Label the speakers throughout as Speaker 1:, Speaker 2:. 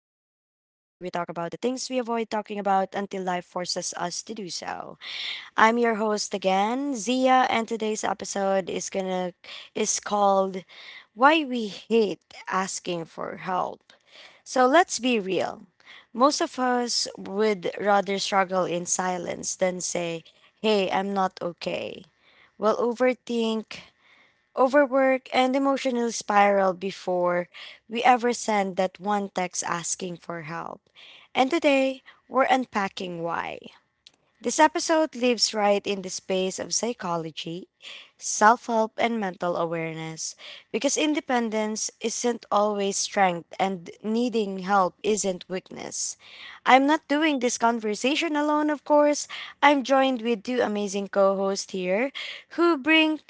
Speaker 1: about the things we avoid talking about until life forces us to do so. I'm your host again, Zia, and today's episode is called "Why We Hate Asking for Help." So let's be real. Most of us would rather struggle in silence than say, "Hey, I'm not okay." We'll overthink overwork, and emotional spiral before we ever send that one text asking for help. And today, we're unpacking why. This episode lives right in the space of psychology, self help, and mental awareness because independence isn't always strength and needing help isn't weakness. I'm not doing this conversation alone, of course. I'm joined with two amazing co hosts here who bring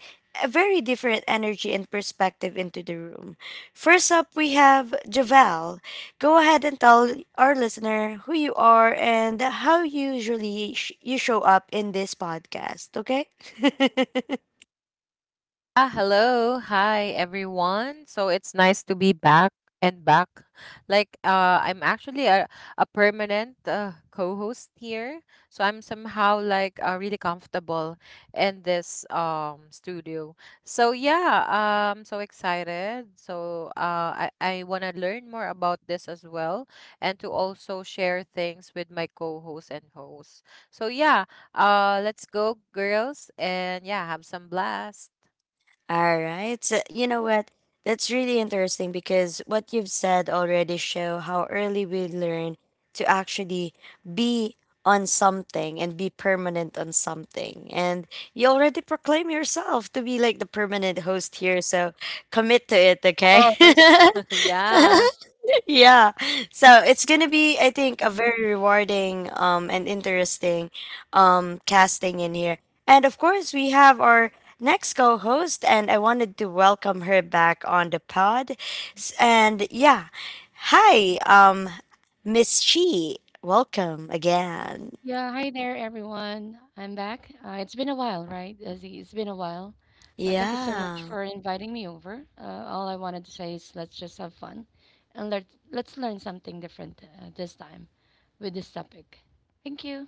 Speaker 1: a very different energy and perspective into the room. First up, we have Javel. Go ahead and tell our listener who you are and how you usually sh- you show up in this podcast, okay?
Speaker 2: Ah, hello. Hi, everyone. So it's nice to be back and back. I'm actually a permanent co-host here. So I'm somehow really comfortable in this studio. So yeah, I'm so excited. So I want to learn more about this as well and to also share things with my co-host and host. So yeah, let's go, girls, and yeah, have some blast.
Speaker 1: All right. So, you know what? That's really interesting because what you've said already show how early we learn to actually be on something and be permanent on something. And you already proclaim yourself to be like the permanent host here, so commit to it, okay?
Speaker 2: Course. Yeah.
Speaker 1: Yeah. So it's gonna be, I think, a very rewarding and interesting casting in here. And of course we have our next co-host and I wanted to welcome her back on the pod. And yeah. Hi, Miss Chi. Welcome again.
Speaker 3: Yeah, hi there, everyone. I'm back. It's been a while, right, Izzy? It's been a while. But thank you so much
Speaker 1: Yeah.
Speaker 3: for inviting me over. All I wanted to say is let's just have fun and let's learn something different this time with this topic. Thank you.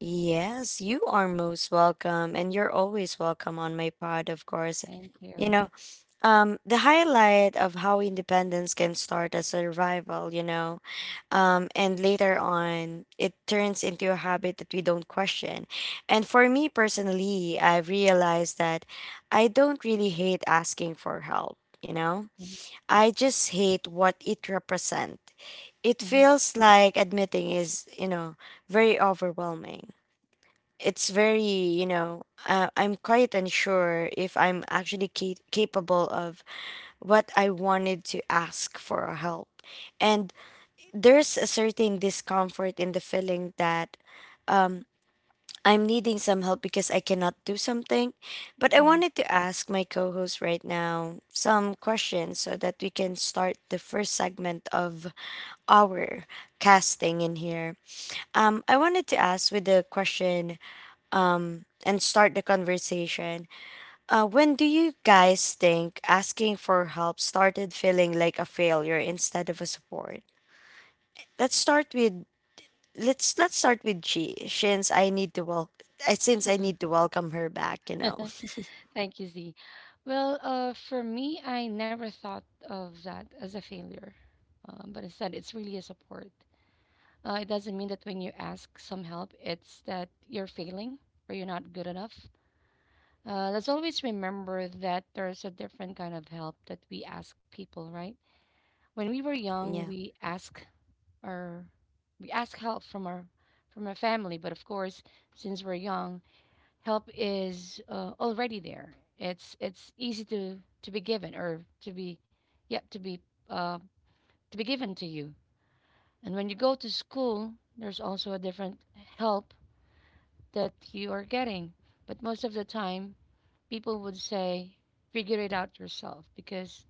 Speaker 1: Yes, you are most welcome and you're always welcome on my pod, of course.
Speaker 3: Thank
Speaker 1: You
Speaker 3: you.
Speaker 1: know, the highlight of how independence can start as a survival, you know, and later on it turns into a habit that we don't question. And for me personally, I've realized that I don't really hate asking for help, you know,
Speaker 3: Mhm,
Speaker 1: I just hate what it represents. It
Speaker 3: mhm,
Speaker 1: feels like admitting is, you know, very overwhelming. It's very, you know, I'm quite unsure if I'm actually capable of what I wanted to ask for help. And there's a certain discomfort in the feeling that I'm needing some help because I cannot do something. But I
Speaker 3: mhm.
Speaker 1: wanted to ask my co host right now some questions so that we can start the first segment of our casting in here. I wanted to ask with the question and start the conversation. When do you guys think asking for help started feeling like a failure instead of a support? Let's start with let's start with G since I need to welcome her back. You know.
Speaker 3: Thank you, Z. Well, for me, I never thought of that as a failure, but instead, it's really a support. It doesn't mean that when you ask some help, it's that you're failing or you're not good enough. Let's always remember that there's a different kind of help that we ask people, right? When we were young,
Speaker 1: Yeah,
Speaker 3: our we ask help from our family, but of course, since we're young, help is already there. It's easy to be given or to be yep to be uh, to be given to you. And when you go to school, there's also a different help that you are getting. But most of the time, people would say, figure it out yourself because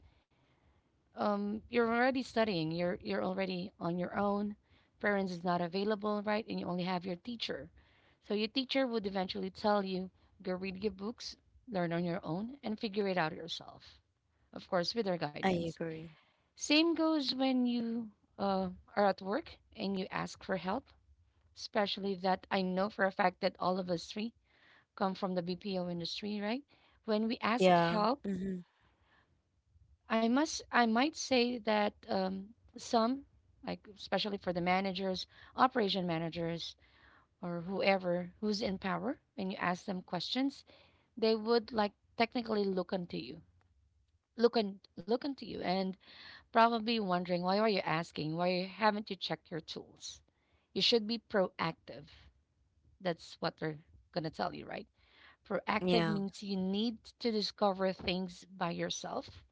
Speaker 3: you're already studying. You're already on your own. Parents is not available, right? And you only have your teacher. So your teacher would eventually tell you, go read your books, learn on your own, and figure it out yourself. Of course, with their
Speaker 1: I
Speaker 3: guidance.
Speaker 1: agree.
Speaker 3: Same goes when you uh, are at work and you ask for help, especially that I know for a fact that all of us three come from the BPO industry, right? When we ask
Speaker 1: Yeah.
Speaker 3: help,
Speaker 1: Mm-hmm.
Speaker 3: I might say that some, like especially for the managers, operation managers, or whoever who's in power, when you ask them questions, they would like technically look unto you, look unto you, and probably wondering why are you asking? Why haven't you checked your tools? You should be proactive. That's what they're gonna tell you, right? Proactive
Speaker 1: Yeah.
Speaker 3: means you need to discover things by yourself.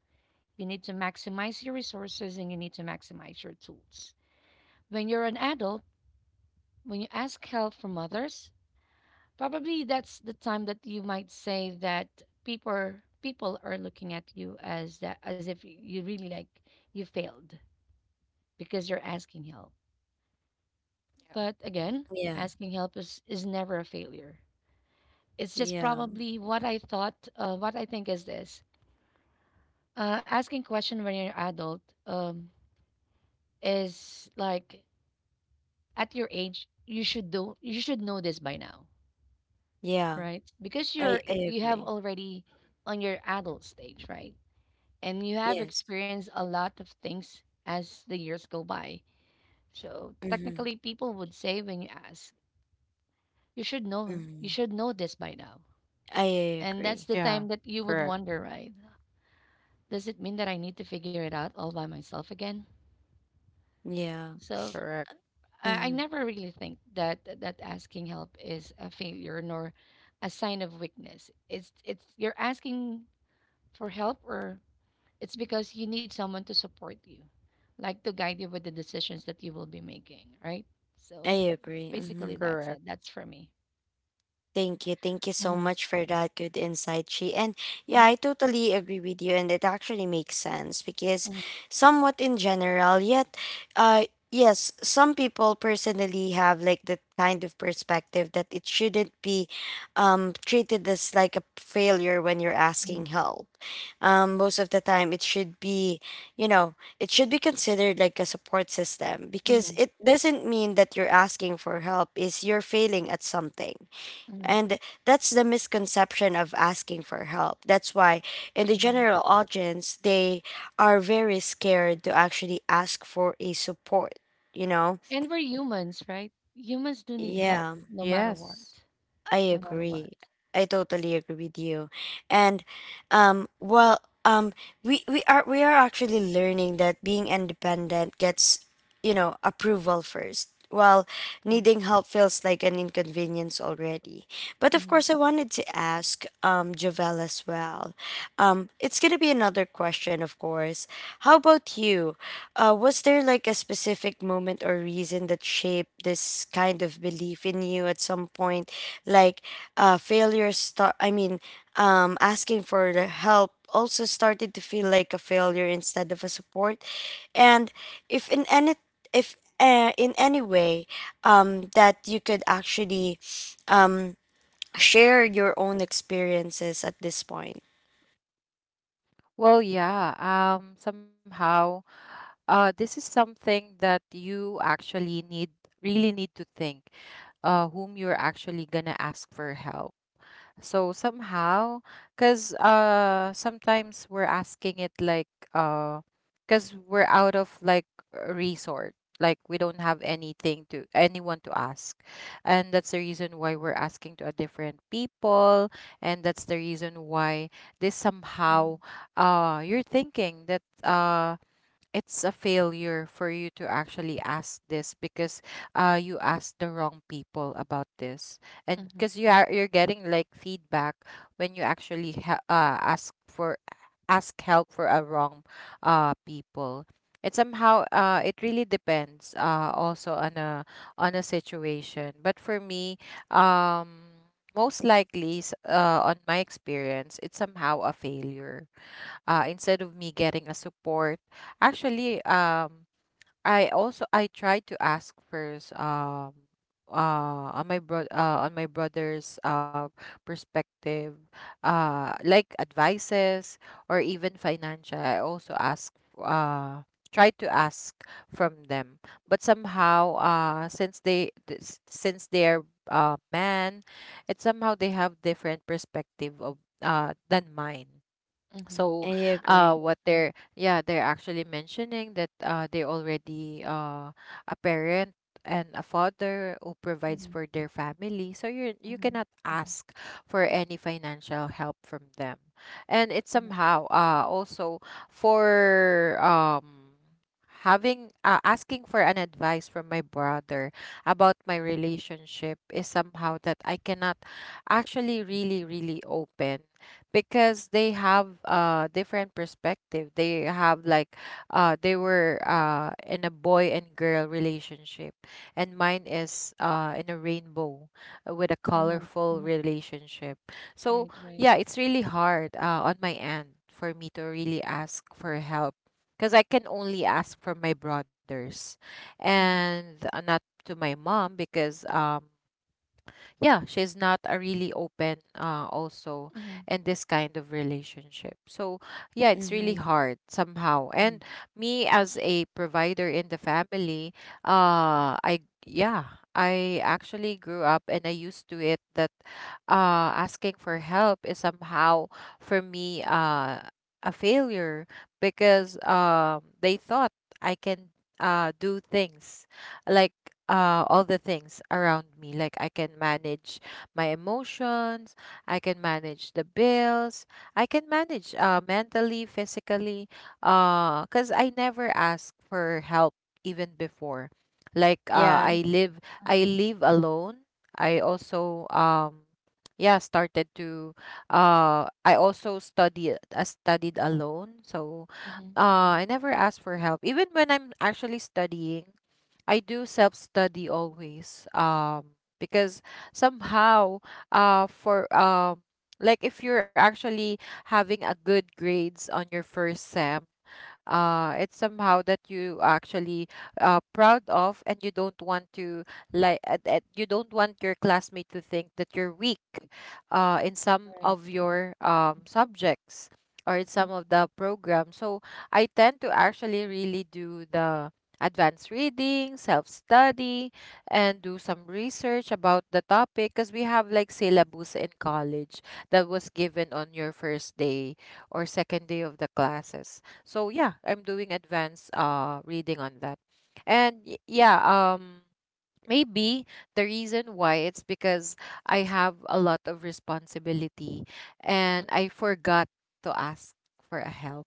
Speaker 3: You need to maximize your resources and you need to maximize your tools. When you're an adult, when you ask help from others, probably that's the time that you might say that people people are looking at you as that as if you really like you failed because you're asking help. But again,
Speaker 1: Yeah.
Speaker 3: asking help is never a failure. It's just
Speaker 1: Yeah.
Speaker 3: probably what I thought, what I think is this. Asking question when you're adult is like at your age you should know this by now,
Speaker 1: Yeah.
Speaker 3: right? Because
Speaker 1: I I
Speaker 3: you have
Speaker 1: agree.
Speaker 3: already on your adult stage, right? And you have
Speaker 1: Yes.
Speaker 3: experienced a lot of things as the years go by. So
Speaker 1: Mm-hmm.
Speaker 3: technically, people would say when you ask, you
Speaker 1: Mm-hmm.
Speaker 3: should know this by now,
Speaker 1: I
Speaker 3: and that's
Speaker 1: agree.
Speaker 3: the
Speaker 2: Yeah,
Speaker 3: time that you
Speaker 2: correct,
Speaker 3: would wonder, right? Does it mean that I need to figure it out all by myself again?
Speaker 1: Yeah.
Speaker 3: So
Speaker 2: correct,
Speaker 3: I
Speaker 1: Mm-hmm.
Speaker 3: never really think that asking help is a failure nor a sign of weakness. It's you're asking for help or it's because you need someone to support you, like to guide you with the decisions that you will be making, right?
Speaker 1: I
Speaker 3: So
Speaker 1: agree. Mm-hmm.
Speaker 3: basically that's
Speaker 2: correct.
Speaker 3: it. That's for me.
Speaker 1: Thank you. Thank you so
Speaker 3: Mm-hmm.
Speaker 1: much for that good insight, Chi. And yeah,
Speaker 3: Mm-hmm.
Speaker 1: I totally agree with you. And it actually makes sense because, somewhat in general, yet, uh, yes, some people personally have like the kind of perspective that it shouldn't be treated as like a failure when you're
Speaker 3: Mm-hmm.
Speaker 1: asking help. Most of the time, it should be, you know, it should be considered like a support system because
Speaker 3: Mm-hmm.
Speaker 1: it doesn't mean that you're asking for help, is you're failing at something and that's the misconception of asking for help. That's why, in the
Speaker 3: Mm-hmm.
Speaker 1: general audience, they are very scared to actually ask for a support, you know?
Speaker 3: And we're humans, right? Humans do need help
Speaker 1: Yeah,
Speaker 3: no matter what.
Speaker 2: Yes.
Speaker 1: I
Speaker 3: No matter what.
Speaker 1: agree. I totally agree with you. And well, we are actually learning that being independent gets you know approval first. Well,
Speaker 3: Mm-hmm.
Speaker 1: needing help feels like an inconvenience already. But of course, I wanted to ask Javel as well. It's going to be another question, of course. How about you? Was there like a specific moment or reason that shaped this kind of belief in you at some point? Like failure start, I mean, asking for the help also started to feel like a failure instead of a support. And if in any if in any way that you could actually um, share your own experiences at this point.
Speaker 2: Well, yeah, um, somehow, this is something that you actually really need to think, whom you're actually gonna ask for help. So somehow, because sometimes we're asking it like, uh, because we're out of like resort, like we don't have anything to anyone to ask, and that's the reason why we're asking to a different people, and that's the reason why this
Speaker 3: Mm-hmm.
Speaker 2: somehow, you're thinking that it's a failure for you to actually ask this because you asked the wrong people about this, and because
Speaker 3: Mm-hmm.
Speaker 2: you're getting like feedback when you actually ask help for a wrong people. It somehow it really depends also on a situation. But for me, um most likely on my experience, it's somehow a failure, instead of me getting a support actually. I also, I tried to ask first, on my bro on my brother's perspective, like advices, or even financial. I also ask uh tried to ask from them. But somehow, since they're man, it's somehow they have different perspective of than mine.
Speaker 3: Mm-hmm.
Speaker 2: So
Speaker 1: I
Speaker 3: Mm-hmm.
Speaker 1: agree.
Speaker 2: what they're, yeah, they're actually mentioning that they already, a parent and a father who provides
Speaker 3: Mhm,
Speaker 2: for their family, so you
Speaker 3: mhm,
Speaker 2: cannot
Speaker 3: mhm,
Speaker 2: ask for any financial help from them. And it's
Speaker 3: mhm,
Speaker 2: somehow also for having, asking for an advice from my brother about my relationship, is somehow that I cannot actually really open, because they have different perspective. They have they were in a boy and girl relationship, and mine is in a rainbow, with a
Speaker 3: mhm,
Speaker 2: colorful
Speaker 3: mhm.
Speaker 2: relationship. So
Speaker 3: Right, right.
Speaker 2: yeah, it's really hard, on my end, for me to really ask for help, because I can only ask for my brothers,
Speaker 3: Mhm,
Speaker 2: and not to my mom, because yeah, she's not a really open also
Speaker 3: mhm,
Speaker 2: in this kind of relationship. So yeah, it's really
Speaker 1: Mm-hmm.
Speaker 2: hard somehow.
Speaker 3: mhm,
Speaker 2: And me as a provider in the family, I yeah, I actually grew up and I used to it that asking for help is somehow for me a failure, because they thought I can do things, like all the things around me, like I can manage my emotions, I can manage the bills, I can manage, mentally, physically, cuz I never ask for help even before.
Speaker 1: Yeah,
Speaker 2: I
Speaker 3: mhm,
Speaker 2: live, I
Speaker 3: mhm,
Speaker 2: live alone. I also, yeah, started to, I also study I studied alone. So
Speaker 3: mhm, mhm, mhm.
Speaker 2: I never ask for help even when I'm actually studying. I do self study always. Because somehow, for like if you're actually having a good grades on your first sem, it's somehow that you actually proud of, and you don't want to you don't want your classmate to think that you're weak in some
Speaker 3: Right,
Speaker 2: of
Speaker 3: right.
Speaker 2: your subjects or in
Speaker 3: Mhm,
Speaker 2: some of the programs. So I tend to actually really do the advanced reading, self-study, and do some research about the topic, because we have like syllabus in college that was given on your first day or second day of the classes. So yeah, I'm doing advanced reading on that. And y- yeah, um Maybe the reason why it's because I have a lot of responsibility and I forgot to ask for a help.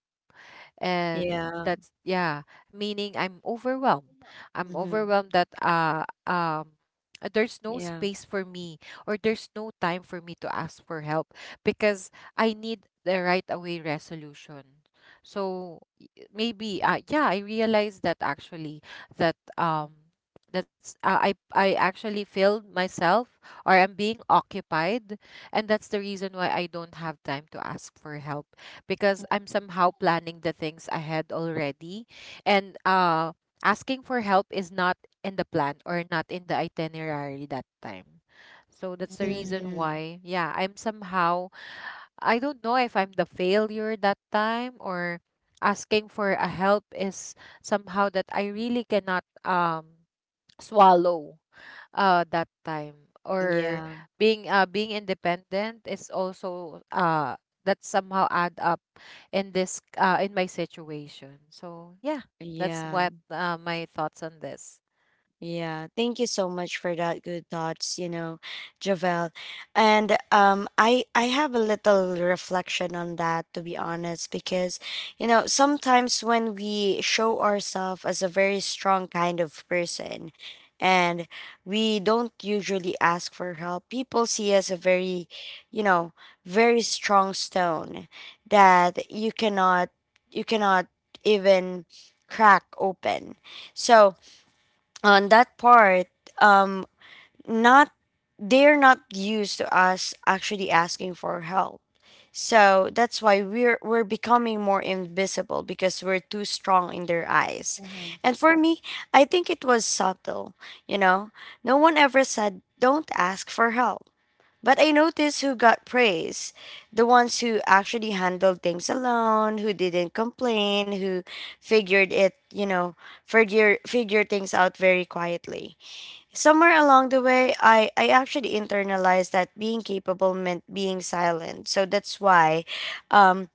Speaker 2: And
Speaker 1: yeah,
Speaker 2: that's yeah, meaning I'm overwhelmed. i'm
Speaker 1: mm-hmm.
Speaker 2: overwhelmed that uh um uh, there's no
Speaker 1: Yeah,
Speaker 2: space for me, or there's no time for me to ask for help, because I need the right away resolution. So y- maybe uh, yeah, I realized that actually that that's I actually failed myself, or I'm being occupied, and that's the reason why I don't have time to ask for help, because
Speaker 3: mhm,
Speaker 2: I'm somehow planning the things ahead already. And Asking for help is not in the plan, or not in the itinerary that time. So that's the
Speaker 3: mhm,
Speaker 2: reason
Speaker 1: mm-hmm.
Speaker 2: why, yeah, I'm somehow, I don't know if I'm the failure that time, or asking for a help is somehow that I really cannot swallow that time, or
Speaker 1: Yeah,
Speaker 2: being independent is also that somehow add up in this in my situation. So yeah, that's
Speaker 1: yeah.
Speaker 2: what my thoughts on this.
Speaker 1: Yeah, thank you so much for that good thoughts, you know, Javel. And I have a little reflection on that to be honest because you know, sometimes when we show ourselves as a very strong kind of person and we don't usually ask for help, people see us a very, you know, very strong stone that you cannot even crack open. So, on that part um not they're not used to us actually asking for help, so that's why we're becoming more invisible because we're too strong in their eyes.
Speaker 3: mhm,
Speaker 1: And for me, I think it was subtle. You know, no one ever said don't ask for help, but I noticed who got praise: the ones who actually handled things alone, who didn't complain, who figured it, you know, figure things out very quietly. Somewhere along the way, I actually internalized that being capable meant being silent. So that's why um,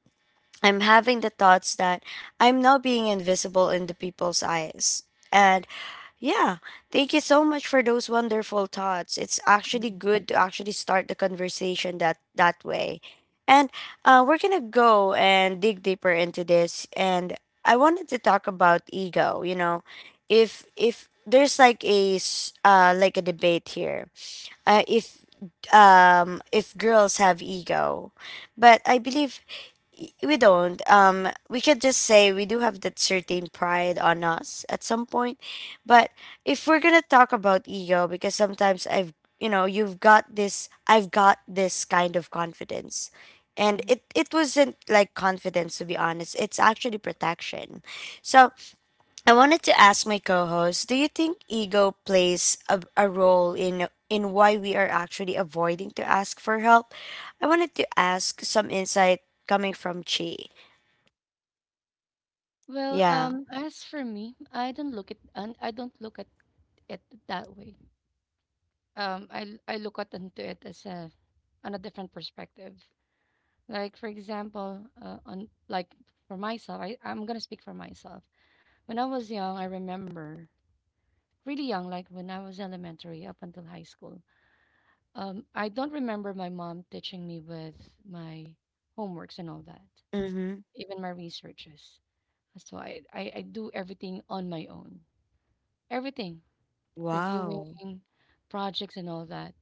Speaker 1: I'm having the thoughts that I'm now being invisible in the people's eyes. And yeah, thank you so much for those wonderful thoughts. It's actually
Speaker 3: mhm,
Speaker 1: good to actually start the conversation that that way. And we're gonna go and dig deeper into this. And I wanted to talk about ego. You know, if there's like a debate here, uh, if if girls have ego, but I believe we don't we could just say we do have that certain pride on us at some point. But if we're gonna talk about ego, because sometimes I've you know you've got this I've got this kind of confidence, and
Speaker 3: mhm.
Speaker 1: it wasn't like confidence, to be honest, it's actually protection. So I wanted to ask my co-host, do you think ego plays a role in why we are actually avoiding to ask for help? I wanted to ask some insight coming from Chi.
Speaker 3: Well,
Speaker 1: Yeah.
Speaker 3: as for me, I don't look at it that way. I look at into it as a on a different perspective. Like for example, on like for myself, I'm gonna speak for myself. When I was young, I remember. Really young, like when I was elementary up until high school. I don't remember my mom teaching me with my homeworks and all that,
Speaker 1: Mhm.
Speaker 3: even my researches. So I do everything on my own, everything,
Speaker 1: Wow.
Speaker 3: reviewing projects and all that.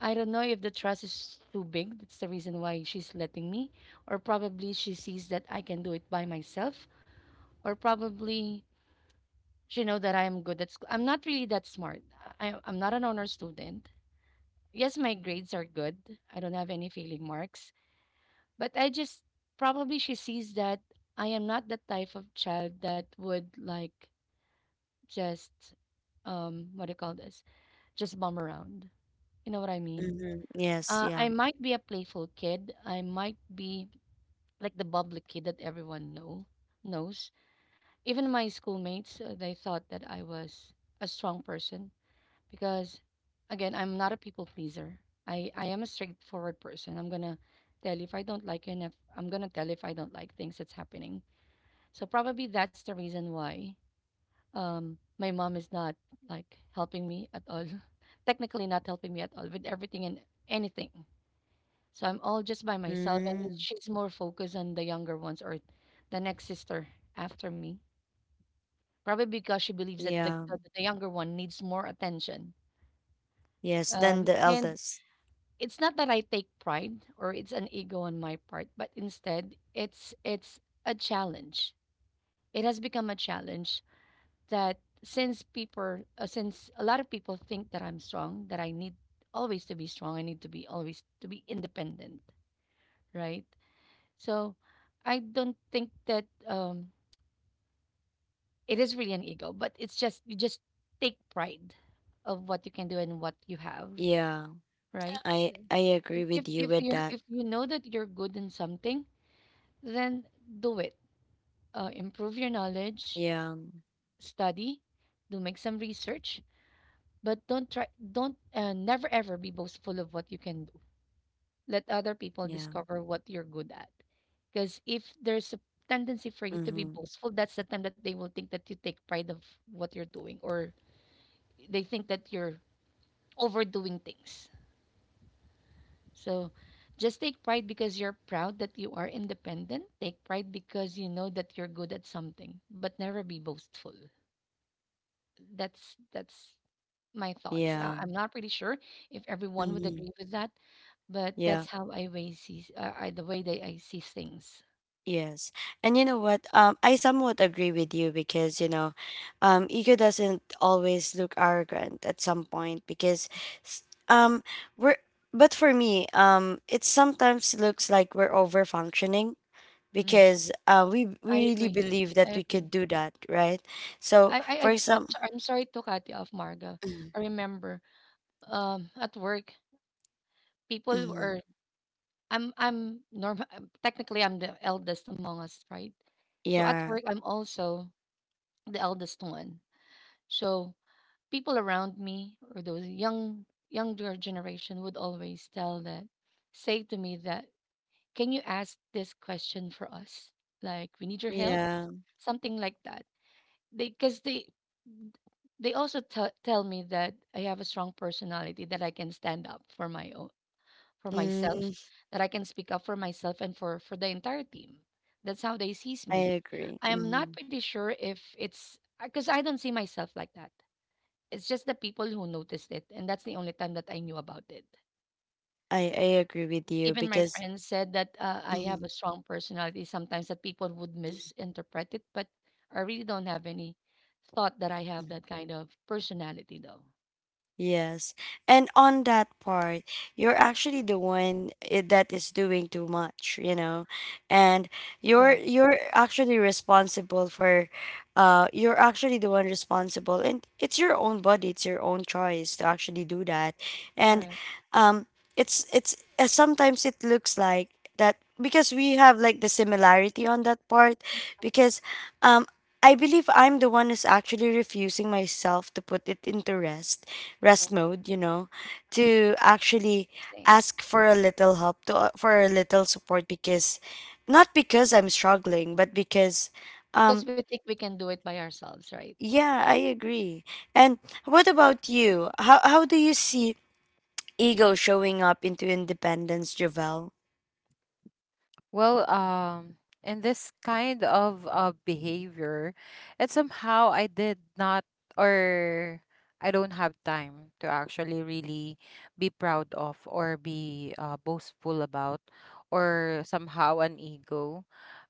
Speaker 3: I don't know if the trust is too big. That's the reason why she's letting me, or probably she sees that I can do it by myself, or probably she know that I am good at school. I'm not really that smart. I'm not an honor student. Yes, my grades are good. I don't have any failing marks. But I just probably she sees that I am not the type of child that would like just what do you call this? Just bum around. You know what I mean?
Speaker 1: Mhm. Yes,
Speaker 3: Uh,
Speaker 1: yeah.
Speaker 3: I might be a playful kid. I might be like the bubbly kid that everyone knows. Even my schoolmates, they thought that I was a strong person because again, I'm not a people pleaser. I am a straightforward person. I'm gonna tell you if I don't like you, and if I'm gonna tell you if I don't like things that's happening. So probably that's the reason why my mom is not like helping me at all. Technically, not helping me at all with everything and anything. So I'm all just by myself, and
Speaker 1: Mm,
Speaker 3: she's more focused on the younger ones or the next sister after me. Probably because she believes that
Speaker 1: yeah.
Speaker 3: the younger one needs more attention.
Speaker 1: Yes, then the
Speaker 3: And
Speaker 1: eldest.
Speaker 3: it's not that I take pride or it's an ego on my part, but instead it's a challenge. It has become a challenge that since people since a lot of people think that I'm strong, that I need always to be strong, I need to be always to be independent, right? So I don't think that it is really an ego, but it's just you just take pride of what you can do and what you have,
Speaker 1: Yeah.
Speaker 3: right?
Speaker 1: I
Speaker 3: So
Speaker 1: I agree with you
Speaker 3: if
Speaker 1: with
Speaker 3: you're
Speaker 1: that.
Speaker 3: if you know that you're good in something, then do it. Improve your knowledge,
Speaker 1: Yeah.
Speaker 3: study, do make some research, but don't, never ever be boastful of what you can do. Let other people
Speaker 1: Yeah.
Speaker 3: discover what you're good at. Because if there's a tendency for you to be
Speaker 1: Mhm.
Speaker 3: boastful, that's the time that they will think that you take pride of what you're doing, or they think that you're overdoing things. So just take pride because you're proud that you are independent. Take pride because you know that you're good at something, but never be boastful. That's my thoughts.
Speaker 1: Yeah.
Speaker 3: I'm not pretty sure if everyone would
Speaker 1: Mhm.
Speaker 3: agree with that, but
Speaker 1: Yeah.
Speaker 3: that's how I way see I, the way that I see things.
Speaker 1: Yes. And you know what? I somewhat agree with you because, you know, ego doesn't always look arrogant at some point, because s- um we're but for me, it sometimes looks like we're over functioning,
Speaker 3: Mm,
Speaker 1: because uh we
Speaker 3: I
Speaker 1: we really
Speaker 3: agree.
Speaker 1: believe
Speaker 3: I
Speaker 1: that we
Speaker 3: agree.
Speaker 1: could do that, right? So for
Speaker 3: I'm,
Speaker 1: example,
Speaker 3: I'm sorry to cut you off, Margo.
Speaker 1: mm,
Speaker 3: I remember at work people
Speaker 1: mm,
Speaker 3: were I'm normal. Technically, I'm the eldest among us, right? So at
Speaker 1: yeah,
Speaker 3: work, I'm also the eldest one. So people around me or those younger generation would always tell that say to me that can you ask this question for us like we need your help
Speaker 1: yeah.
Speaker 3: something like that they because they also tell me that I have a strong personality that I can stand up for my own for myself
Speaker 1: Mm,
Speaker 3: that I can speak up for myself and for the entire team that's how they sees
Speaker 1: I
Speaker 3: me.
Speaker 1: agree.
Speaker 3: I'm not
Speaker 1: Mm,
Speaker 3: pretty sure if it's because I don't see myself like that. It's just the people who noticed it, and that's the only time that I knew about it.
Speaker 1: I agree with you
Speaker 3: Even my
Speaker 1: because
Speaker 3: friends said that I have a
Speaker 1: mhm,
Speaker 3: strong personality sometimes that people would misinterpret it, but I really don't have any thought that I have
Speaker 1: mhm.
Speaker 3: that kind of personality though.
Speaker 1: Yes. And on that part, you're actually the one that is doing too much, you know. And you're
Speaker 3: Correct.
Speaker 1: you're actually responsible for you're actually the one responsible, and it's your own body, it's your own choice to actually do that. And
Speaker 3: Correct.
Speaker 1: um it's sometimes it looks like that, because we have like the similarity on that part, because um I believe I'm the one who's actually refusing myself to put it into rest mode, you know, to actually
Speaker 3: Same.
Speaker 1: ask for a little help, to for a little support, because not because I'm struggling, but because um
Speaker 3: Because we think we can do it by ourselves, right?
Speaker 1: yeah, I agree. And what about you? How do you see ego showing up into independence, Javel?
Speaker 2: Well, in this kind of behavior, it somehow, I did not, or I don't have time to actually really be proud of, or be boastful about, or somehow an ego.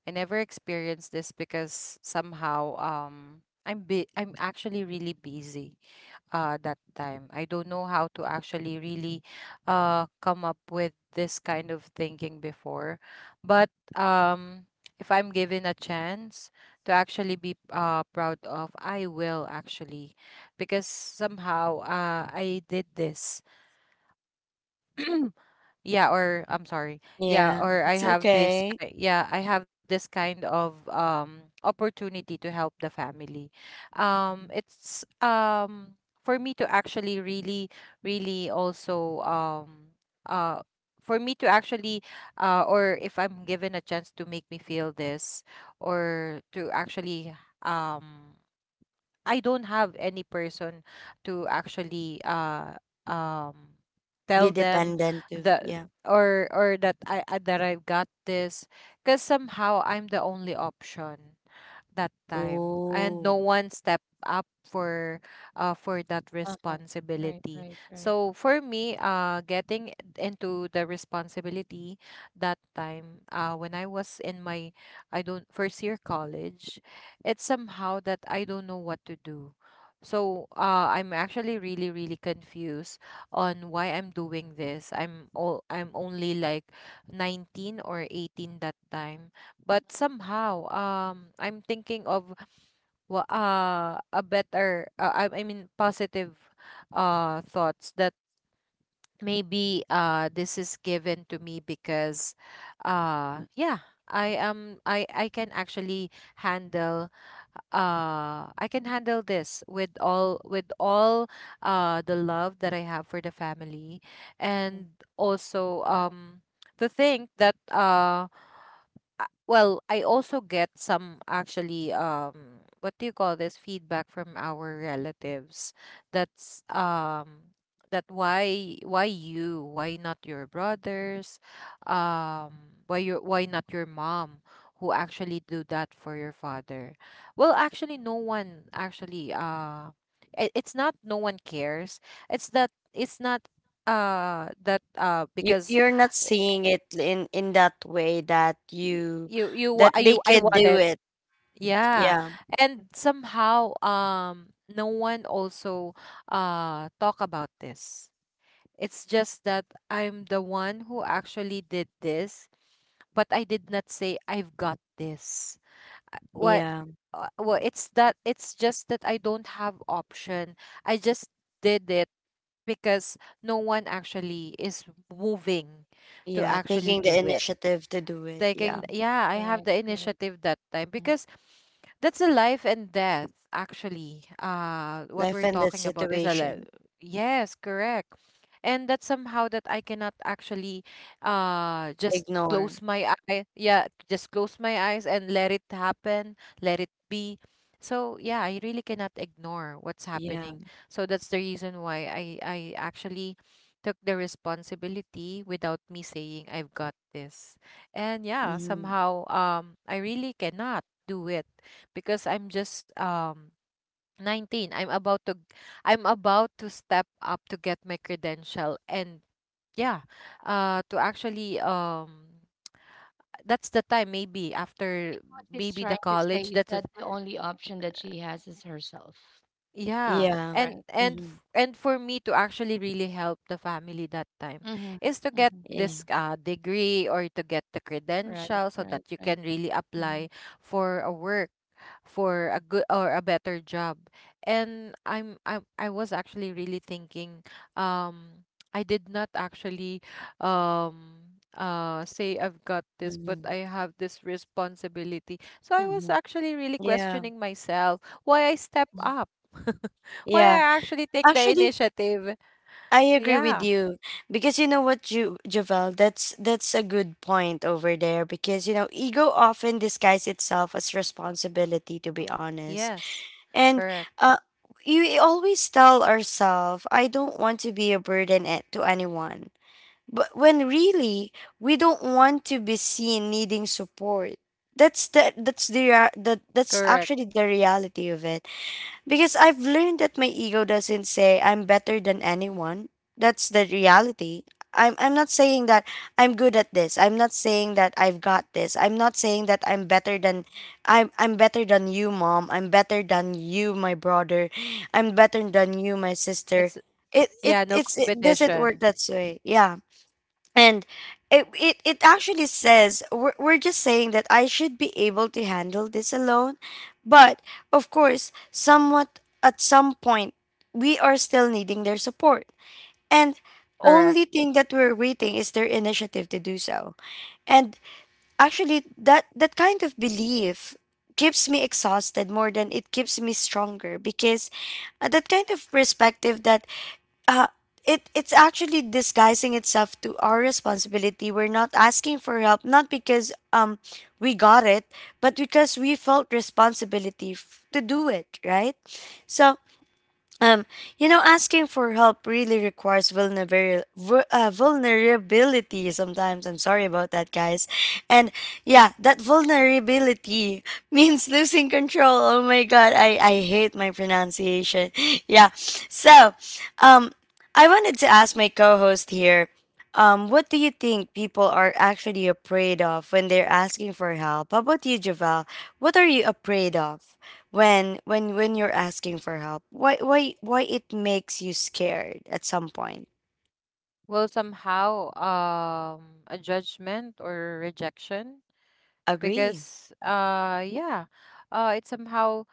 Speaker 2: I never experienced this, because somehow, I'm actually really busy that time. I don't know how to actually really come up with this kind of thinking before. But um, if I'm given a chance to actually be proud of, I will actually, because somehow, I did this. yeah, or I'm sorry.
Speaker 1: Yeah, it's okay.
Speaker 2: Yeah, I have this kind of opportunity to help the family. Um
Speaker 3: Mhm.
Speaker 2: it's for me to actually really really also uh for me to actually or If I'm given a chance to make me feel this, or to actually, um I don't have any person to actually um
Speaker 1: Be
Speaker 2: tell them
Speaker 1: dependent too.
Speaker 2: that
Speaker 1: Yeah.
Speaker 2: or that that I've got this, because somehow I'm the only option that time and
Speaker 1: Oh.
Speaker 2: no one stepped up for that
Speaker 3: Uh-huh. Right.
Speaker 2: responsibility.
Speaker 3: Right. Right.
Speaker 2: So for me, getting into the responsibility that time, when I was in my, I don't, first year college, it's somehow that I don't know what to do. So I'm actually really confused on why I'm doing this. I'm all, I'm only like 19 or 18 that time. But somehow, I'm thinking of a better, I mean positive thoughts, that maybe this is given to me because yeah, I can actually handle, I can handle this with all the love that I have for the family.
Speaker 3: Mhm.
Speaker 2: And also,
Speaker 3: Right.
Speaker 2: to think that well, I also get some actually what do you call this, feedback from our relatives. That's that why you why not your brothers, why your why not your mom, who actually do that for your father? Well, actually no one actually it, it's not no one cares. It's that it's not that
Speaker 1: You
Speaker 2: because
Speaker 1: you're not seeing it in that way that
Speaker 2: y-
Speaker 1: you
Speaker 2: you
Speaker 1: that
Speaker 2: wa-
Speaker 1: they
Speaker 2: you I
Speaker 1: can do
Speaker 2: wanted.
Speaker 1: it.
Speaker 2: Yeah.
Speaker 1: Yeah.
Speaker 3: Mhm.
Speaker 2: And somehow, no one also talk about this. It's just that I'm the one who actually did this, but I did not say I've got this.
Speaker 1: Yeah.
Speaker 2: What well, it's that it's just that I don't have option. I just did it, because no one actually is moving to
Speaker 1: Yeah,
Speaker 2: actually
Speaker 1: taking the
Speaker 2: do it.
Speaker 1: initiative to do it, yeah.
Speaker 2: Taking, yeah, I have
Speaker 3: Correct.
Speaker 2: the
Speaker 3: Correct.
Speaker 2: initiative that time,
Speaker 3: Mm.
Speaker 2: because that's a life and death. Actually what
Speaker 1: Life
Speaker 2: we're
Speaker 1: and that
Speaker 2: talking about is a li-,
Speaker 1: situation.
Speaker 2: yes, correct. And that's somehow that I cannot actually just
Speaker 1: Ignore.
Speaker 2: close my eye, yeah, just close my eyes, and let it happen, let it be. So yeah, I really cannot ignore what's
Speaker 1: Yeah.
Speaker 2: happening. So that's the reason why I actually took the responsibility without me saying I've got this. And yeah,
Speaker 1: Mhm.
Speaker 2: somehow, I really cannot do it, because I'm just, 19. I'm about to step up to get my credential, and yeah, to actually, that's the time, maybe after,
Speaker 3: What he's
Speaker 2: maybe the
Speaker 3: trying to say
Speaker 2: college,
Speaker 3: is
Speaker 2: that's it.
Speaker 3: that the only option that she has is herself,
Speaker 2: Yeah.
Speaker 1: Yeah.
Speaker 3: right?
Speaker 1: Mhm.
Speaker 2: And for me to actually really help the family that time
Speaker 3: Mm-hmm.
Speaker 2: is to get this,
Speaker 1: Yeah.
Speaker 2: degree, or to get the
Speaker 3: Right,
Speaker 2: credential, so that
Speaker 3: right,
Speaker 2: you can
Speaker 3: right.
Speaker 2: really apply
Speaker 3: Mhm.
Speaker 2: for a work, for a good or a better job. I was actually really thinking, um I did not actually, say I've got this, but
Speaker 1: Mhm.
Speaker 2: I have this responsibility. So I was
Speaker 3: Mhm.
Speaker 2: actually really
Speaker 1: Yeah.
Speaker 2: questioning myself why I step up, why
Speaker 1: Yeah.
Speaker 2: I actually take the
Speaker 1: Actually,
Speaker 2: initiative.
Speaker 1: I agree with
Speaker 2: Yeah,
Speaker 1: you, because you know what, Ju Javel, that's a good point over there, because you know ego often disguises itself as responsibility, to be honest.
Speaker 2: yes,
Speaker 1: And
Speaker 2: correct,
Speaker 1: uh, you always tell ourselves, I don't want to be a burden at to anyone. But when really we don't want to be seen needing support. That's the that's
Speaker 2: correct.
Speaker 1: actually the reality of it. Because I've learned that my ego doesn't say I'm better than anyone. That's the reality. I'm not saying that I'm good at this. I'm not saying that I've got this. I'm not saying that I'm better than you, mom. I'm better than you, my brother. I'm better than you, my sister.
Speaker 2: It's
Speaker 1: It it
Speaker 2: yeah, no
Speaker 1: it's it doesn't work
Speaker 2: competition,
Speaker 1: that way. Yeah, and it actually says we're just saying that I should be able to handle this alone, but of course somewhat at some point we are still needing their support, and
Speaker 2: correct.
Speaker 1: only thing that we're waiting is their initiative to do so. And actually that that kind of belief keeps me exhausted more than it keeps me stronger, because that kind of perspective that uh, it it's actually disguising itself to our responsibility. We're not asking for help not because we got it, but because we felt responsibility to do it, right? So um, asking for help really requires vulnerability, vulnerability sometimes. I'm sorry about that, guys. And yeah, that vulnerability means losing control. Oh my God, I hate my pronunciation. Yeah. So, um, I wanted to ask my co host here what do you think people are actually afraid of when they're asking for help? How about you, Javel? What are you afraid of? When you're asking for help, why it makes you scared at some point?
Speaker 2: Well, somehow, a judgment or rejection,
Speaker 1: Agree.
Speaker 2: because, yeah, it's somehow,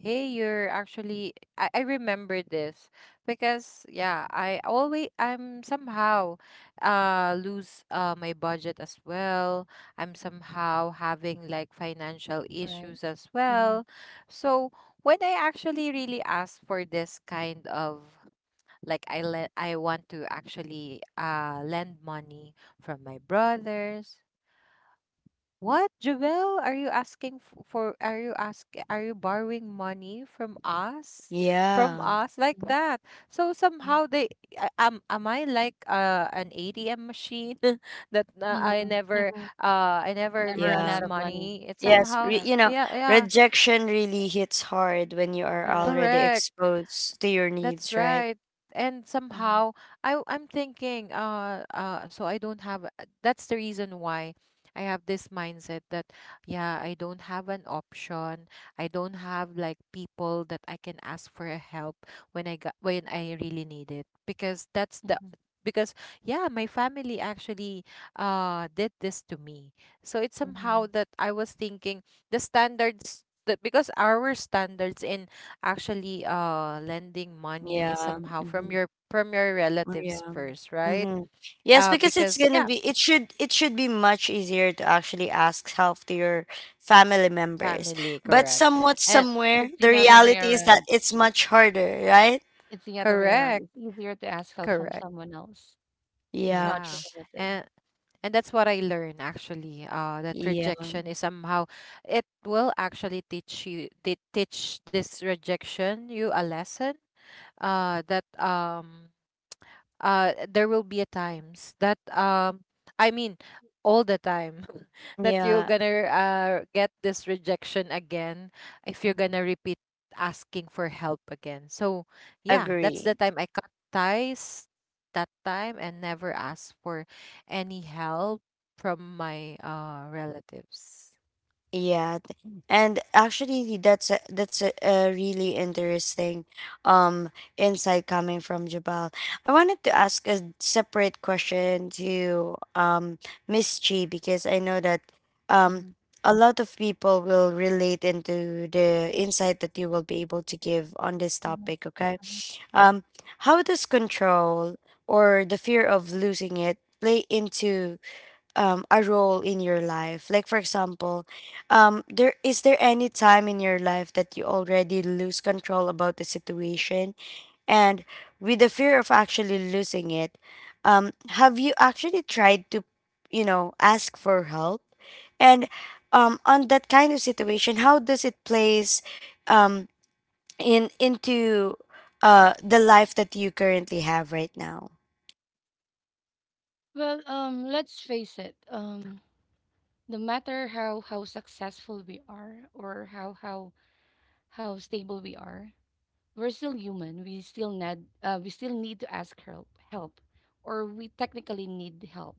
Speaker 2: hey, you're actually, I remember this, because, yeah, I always, I'm somehow, lose my budget as well. I'm somehow having like financial
Speaker 3: Right.
Speaker 2: issues as well.
Speaker 3: Mhm,
Speaker 2: So when I actually really asked for this kind of, like, I want to actually lend money from my brothers. What, Javel, are you asking for? Are you ask are you borrowing money from us? From
Speaker 1: Yeah.
Speaker 2: us, like
Speaker 3: mhm,
Speaker 2: that? So
Speaker 3: mhm,
Speaker 2: somehow they, am I like an ATM machine that
Speaker 3: mhm, mhm.
Speaker 2: I never
Speaker 3: Never run
Speaker 1: yeah
Speaker 2: lose
Speaker 3: out of money.
Speaker 2: money? It's
Speaker 1: yes
Speaker 2: somehow,
Speaker 1: re-
Speaker 3: Correct,
Speaker 1: you know
Speaker 2: yeah, yeah,
Speaker 1: rejection really hits hard when you are
Speaker 3: correct.
Speaker 1: already
Speaker 2: correct.
Speaker 1: exposed to your
Speaker 2: That's
Speaker 1: needs, right?
Speaker 2: right. And
Speaker 3: Mhm,
Speaker 2: somehow I'm thinking so I don't have that's the reason why I have this mindset that, yeah, I don't have an option. I don't have like people that I can ask for a help when I got when I really need it because that's the,
Speaker 3: mhm,
Speaker 2: because, yeah, my family actually did this to me. So it's somehow
Speaker 3: mhm.
Speaker 2: that I was thinking the standards, that because our standards in actually lending money is
Speaker 1: Yeah.
Speaker 2: somehow from
Speaker 1: Hmm.
Speaker 2: your
Speaker 1: Yeah.
Speaker 2: relatives first, right?
Speaker 1: Hmm. Yes, because it's
Speaker 2: Because,
Speaker 1: gonna
Speaker 2: yeah,
Speaker 1: be, it should be much easier to actually ask help to your family members.
Speaker 2: family,
Speaker 1: But
Speaker 2: correct.
Speaker 1: somewhat
Speaker 2: And
Speaker 1: somewhere
Speaker 3: It's
Speaker 1: the
Speaker 3: the other way
Speaker 1: reality is that
Speaker 3: around.
Speaker 1: it's much harder, right?
Speaker 3: It's the other way around.
Speaker 2: correct,
Speaker 3: It's easier to ask help from
Speaker 2: correct.
Speaker 3: someone else who's
Speaker 1: Yeah.
Speaker 3: not
Speaker 2: Yeah.
Speaker 3: your relative.
Speaker 2: And that's what I learned actually. That
Speaker 1: Yeah,
Speaker 2: rejection is somehow, it will actually teach you, they teach this rejection, you a lesson. That, um, there will be a times that, um, i mean all the time, that
Speaker 1: yeah,
Speaker 2: you're gonna get this rejection again if
Speaker 3: Mhm,
Speaker 2: you're gonna repeat asking for help again. So yeah, that's
Speaker 1: agree.
Speaker 2: the time I cut ties that time and never asked for any help from my relatives.
Speaker 1: Yeah, th- and actually, that's a a really interesting um insight coming from Jabal. I wanted to ask a separate question to Miss Chi, because I know that um
Speaker 3: mhm,
Speaker 1: a lot of people will relate into the insight that you will be able to give on this
Speaker 3: mhm,
Speaker 1: topic. Okay,
Speaker 3: mhm.
Speaker 1: um, how does control or the fear of losing it play into a role in your life? Like for example, there is, there any time in your life that you already lose control about the situation, and with the fear of actually losing it, um, have you actually tried to, you know, ask for help? And on that kind of situation, how does it plays, um, in into the life that you currently have right now?
Speaker 3: Well, let's face it. No matter how successful we are or how stable we are, we're still human. We still need to ask help, or we technically need help,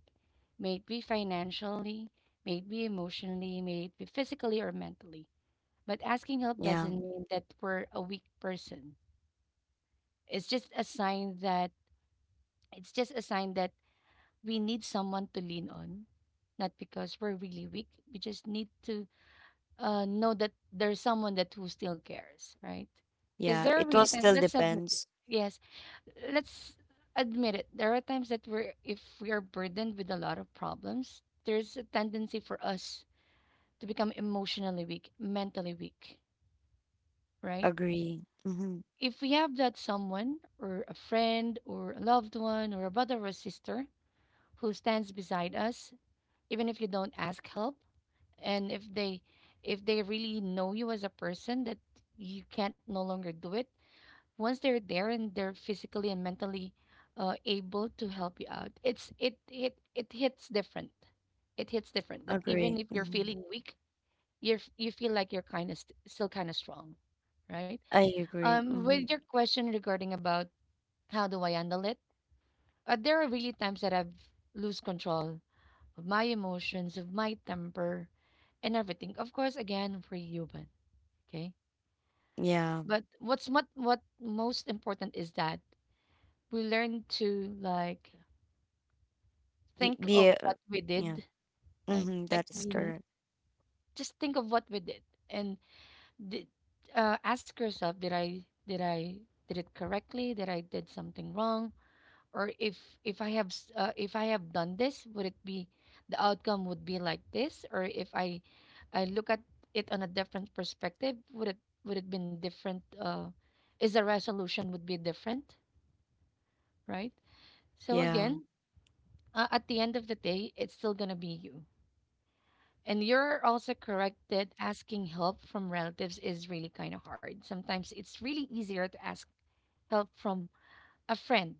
Speaker 3: may it be financially, may it be emotionally, may it be physically or mentally. But asking help
Speaker 1: Yeah,
Speaker 3: doesn't mean that we're a weak person. It's just a sign that it's just a sign that we need someone to lean on, not because we're really weak. We just need to know that there's someone that who still cares, right? Because
Speaker 1: yeah,
Speaker 3: there are
Speaker 1: it will
Speaker 3: really times.
Speaker 1: still
Speaker 3: Let's admit it.
Speaker 1: depends.
Speaker 3: Yes, let's admit it. There are times that we're if we are burdened with a lot of problems, there's a tendency for us to become emotionally weak, mentally weak, right?
Speaker 1: Agree. Mhm.
Speaker 3: If we have that someone or a friend or a loved one or a brother or a sister who stands beside us, even if you don't ask help, and if they really know you as a person that you can't no longer do it, once they're there and they're physically and mentally able to help you out, it hits different. It hits different that even
Speaker 1: Agree.
Speaker 3: if you're
Speaker 1: Mhm.
Speaker 3: feeling weak, you feel like you're still kind of strong, right?
Speaker 1: I agree.
Speaker 3: With
Speaker 1: Mhm.
Speaker 3: your question regarding about how do I handle it, there are really times that I've lose control of my emotions, of my temper, and everything. Of course, again, we're human. Okay.
Speaker 1: Yeah.
Speaker 3: But what most important is that we learn to, like, think
Speaker 1: Be
Speaker 3: of
Speaker 1: a,
Speaker 3: what we
Speaker 1: yeah.
Speaker 3: did. Like
Speaker 1: Mm-hmm.
Speaker 3: like
Speaker 1: That
Speaker 3: we
Speaker 1: is
Speaker 3: n-
Speaker 1: correct.
Speaker 3: just think of what we did and did, ask yourself, did I did it correctly? Did I did something wrong? Or if if I have done this, would it be the outcome would be like this? Or if I I look at it on a different perspective, would it been different? Is the resolution would be different, right? So
Speaker 1: Yeah.
Speaker 3: again, at the end of the day, it's still going to be you. And you're also correct that asking help from relatives is really kind of hard. Sometimes it's really easier to ask help from a friend,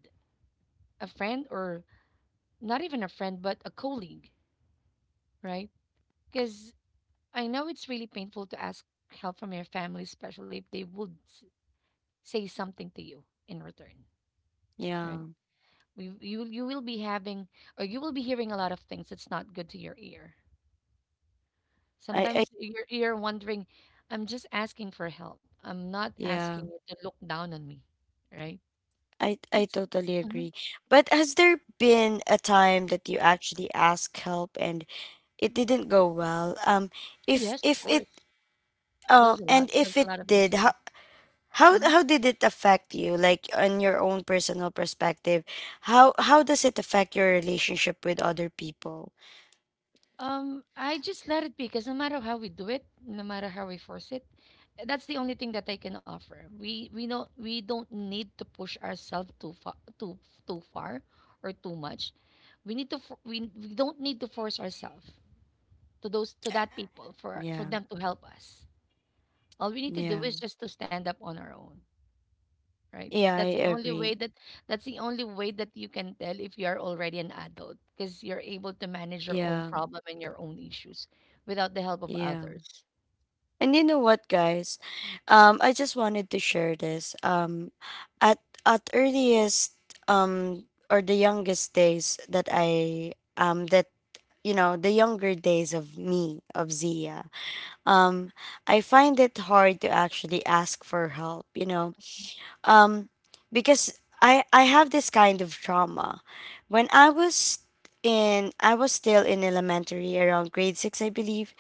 Speaker 3: a friend or not even a friend but a colleague, right? Because I know it's really painful to ask help from your family, especially if they would say something to you in return, right?
Speaker 1: Yeah.
Speaker 3: You will be having or you will be hearing a lot of things that's not good to your ear.
Speaker 1: I
Speaker 3: Sometimes your ear wondering, I'm just asking for help. I'm not asking
Speaker 1: yeah.
Speaker 3: you to look down on me, right?
Speaker 1: I
Speaker 3: It's,
Speaker 1: totally
Speaker 3: mhm.
Speaker 1: agree. But has there been a time that you actually asked help and it didn't go well? If
Speaker 3: Yes, of
Speaker 1: if it
Speaker 3: course. There's a lot. There's
Speaker 1: if
Speaker 3: a
Speaker 1: it
Speaker 3: lot of
Speaker 1: did,
Speaker 3: instance. Mm-hmm.
Speaker 1: how did it affect you, like on your own personal perspective? How does it affect your relationship with other people?
Speaker 3: I just let it be because no matter how we do it, no matter how we force it, that's the only thing that I can offer. We don't need to push ourselves too far, too too far or too much. We don't need to force ourselves to those to that people for
Speaker 1: Yeah.
Speaker 3: them to help us. All we need to do
Speaker 1: Yeah.
Speaker 3: is just to stand up on our own, right?
Speaker 1: Yeah, I
Speaker 3: That's the only
Speaker 1: agree.
Speaker 3: way that, that's the only way that you can tell if you are already an adult, because you're able to manage your own
Speaker 1: Yeah,
Speaker 3: problem and your own issues without the help of
Speaker 1: yeah.
Speaker 3: others.
Speaker 1: And you know what, guys? I just wanted to share this. At at earliest, or the youngest days that I that you know, the younger days of me, of Zia. Um, I find it hard to actually ask for help. You know, um, because I have this kind of trauma. When I was in I was still in elementary around grade six, I believe.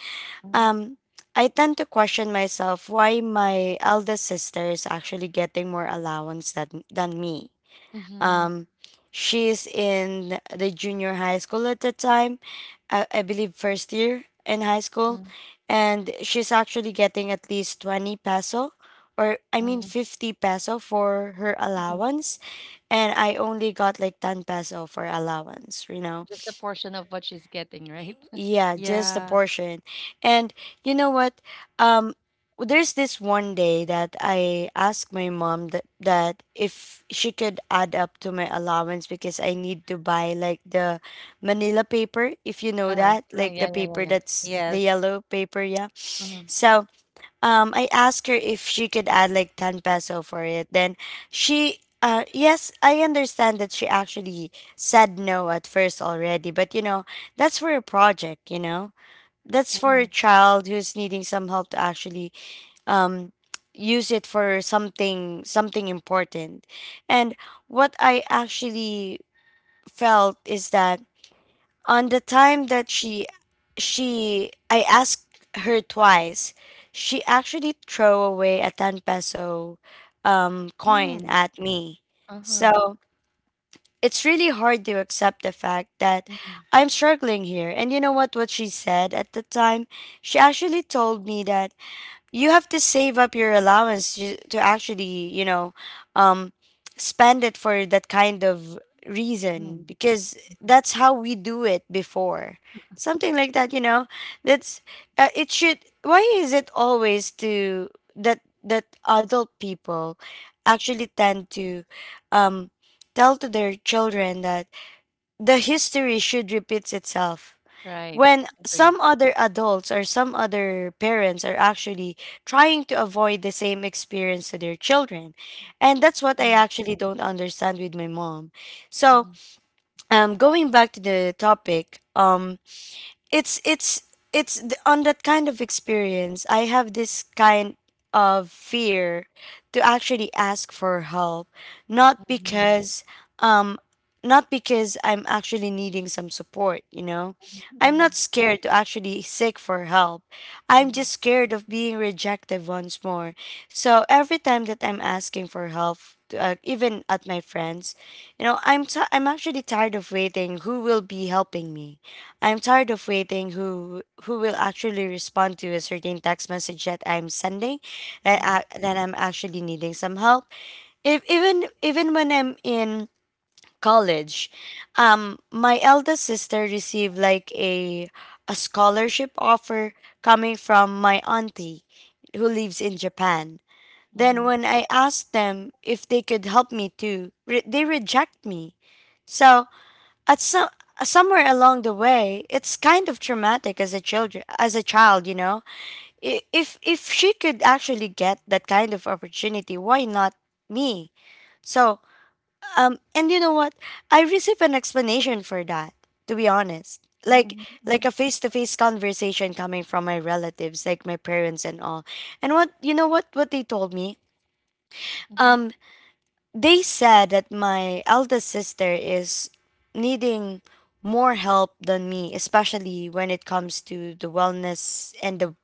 Speaker 3: Mm-hmm.
Speaker 1: Um, I tend to question myself why my eldest sister is actually getting more allowance than me.
Speaker 3: Mm-hmm.
Speaker 1: Um, she's in the junior high school at the time, I believe first year in high school, and she's actually getting at least 20 peso or I mean
Speaker 3: Mm-hmm.
Speaker 1: 50 peso for her
Speaker 3: Hmm.
Speaker 1: allowance, and I only got like 10 peso for allowance, you know.
Speaker 3: Just a portion of what she's getting, right?
Speaker 1: Yeah, just the
Speaker 2: Yeah.
Speaker 1: portion. And you know what? Um, there's this one day that I asked my mom that if she could add up to my allowance because I need to buy like the manila paper, if you know
Speaker 3: Uh,
Speaker 1: that, like
Speaker 3: yeah,
Speaker 1: the
Speaker 3: yeah, yeah,
Speaker 1: paper
Speaker 3: yeah.
Speaker 1: that's the
Speaker 2: Yes.
Speaker 1: yellow paper, yeah.
Speaker 3: Mm-hmm.
Speaker 1: So I asked her if she could add like 10 peso for it. Then she yes, I understand that she actually said no at first already, but you know, that's for a project, you know. That's for
Speaker 3: Mm-hmm.
Speaker 1: a child who's needing some help to actually um use it for something important. And what I actually felt is that on the time that she I asked her twice, she actually throw away a 10 peso coin
Speaker 3: Mm,
Speaker 1: at me.
Speaker 3: uh-huh.
Speaker 1: So it's really hard to accept the fact that
Speaker 3: Mm-hmm.
Speaker 1: I'm struggling here. And you know what she said at the time? She actually told me that you have to save up your allowance to actually, you know, um spend it for that kind of
Speaker 3: Mm-hmm.
Speaker 1: reason, because
Speaker 3: Mm-hmm.
Speaker 1: that's how we do it before, something like that, you know. That's, it should why is it always to that adult people actually tend to um tell to their children that the history should repeats itself,
Speaker 3: Right.
Speaker 1: when
Speaker 3: Agree.
Speaker 1: some other adults or some other parents are actually trying to avoid the same experience to their children. And that's what I
Speaker 3: Mm.
Speaker 1: actually don't understand with my mom. So,
Speaker 3: Mm-hmm.
Speaker 1: going back to the topic, it's it's on that kind of experience, I have this kind of fear to actually ask for help, not
Speaker 3: Mm-hmm.
Speaker 1: because not because I'm actually needing some support, you know? I'm
Speaker 3: Mm-hmm.
Speaker 1: not scared to actually seek for help. I'm
Speaker 3: Mm-hmm.
Speaker 1: just scared of being rejected once more. So every time that I'm asking for help, to, even at my friends, you know, I'm actually tired of waiting who will be helping me. I'm tired of waiting who will actually respond to a certain text message that I'm sending
Speaker 3: Mm-hmm. Mm-hmm.
Speaker 1: that I'm actually needing some help. If even Even when I'm in college, my eldest sister received like a scholarship offer coming from my auntie who lives in Japan. Then
Speaker 3: Mm-hmm.
Speaker 1: when I asked them if they could help me too, they reject me. So at some somewhere along the way, it's kind of traumatic as a children, as a child, you know. If she could actually get that kind of opportunity, why not me? So and you know what? I received an explanation for that, to be honest.
Speaker 3: Mm-hmm,
Speaker 1: Like a face-to-face conversation coming from my relatives, like my parents and all. And what you know what they told me?
Speaker 3: mm-hmm.
Speaker 1: Um, they said that my eldest sister is needing more help than me, especially when it comes to the wellness and the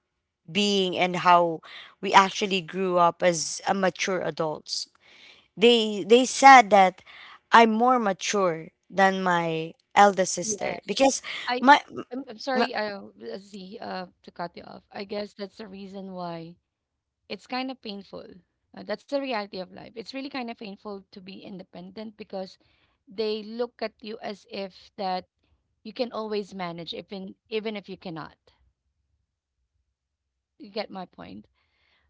Speaker 1: being and how we actually grew up as a mature adults. They said that I'm more mature than my eldest sister
Speaker 3: Yes,
Speaker 1: because
Speaker 3: I
Speaker 1: my,
Speaker 3: I'm
Speaker 1: my
Speaker 3: sorry, I Z, to cut you off. I guess that's the reason why it's kind of painful. That's the reality of life. It's really kind of painful to be independent because they look at you as if that you can always manage, even even if you cannot. You get my point.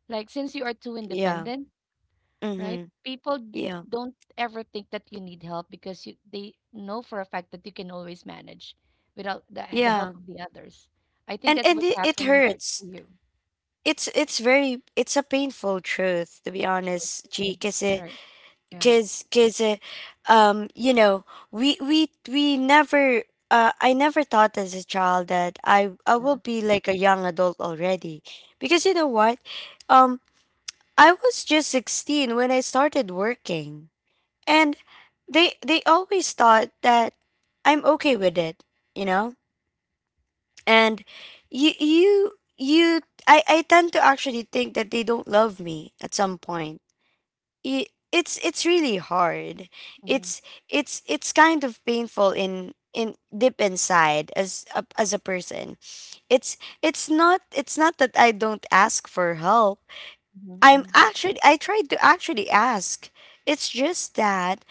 Speaker 3: Like, since you are too
Speaker 1: yeah.
Speaker 3: independent, right?
Speaker 1: Mm-hmm,
Speaker 3: People
Speaker 1: yeah,
Speaker 3: don't ever think that you need help, because you they know for a fact that you can always manage without the
Speaker 1: yeah.
Speaker 3: help of the others. I think
Speaker 1: and
Speaker 3: that's
Speaker 1: and
Speaker 3: what's
Speaker 1: it, it
Speaker 3: happening
Speaker 1: hurts.
Speaker 3: to you.
Speaker 1: It's a painful truth, to be
Speaker 3: Sure.
Speaker 1: honest,
Speaker 3: Mm.
Speaker 1: G, because
Speaker 3: Right.
Speaker 1: because, you know, we never, I never thought as a child that I will
Speaker 3: Yeah.
Speaker 1: be like a young adult already, because you know what, um. I was just 16 when I started working. And they always thought that I'm okay with it, you know? And you you you I tend to actually think that they don't love me at some point. It's really hard.
Speaker 3: Mm-hmm.
Speaker 1: It's kind of painful in deep inside as a person. It's it's not, it's not that I don't ask for help.
Speaker 3: Mm-hmm.
Speaker 1: I tried to actually ask. It's just that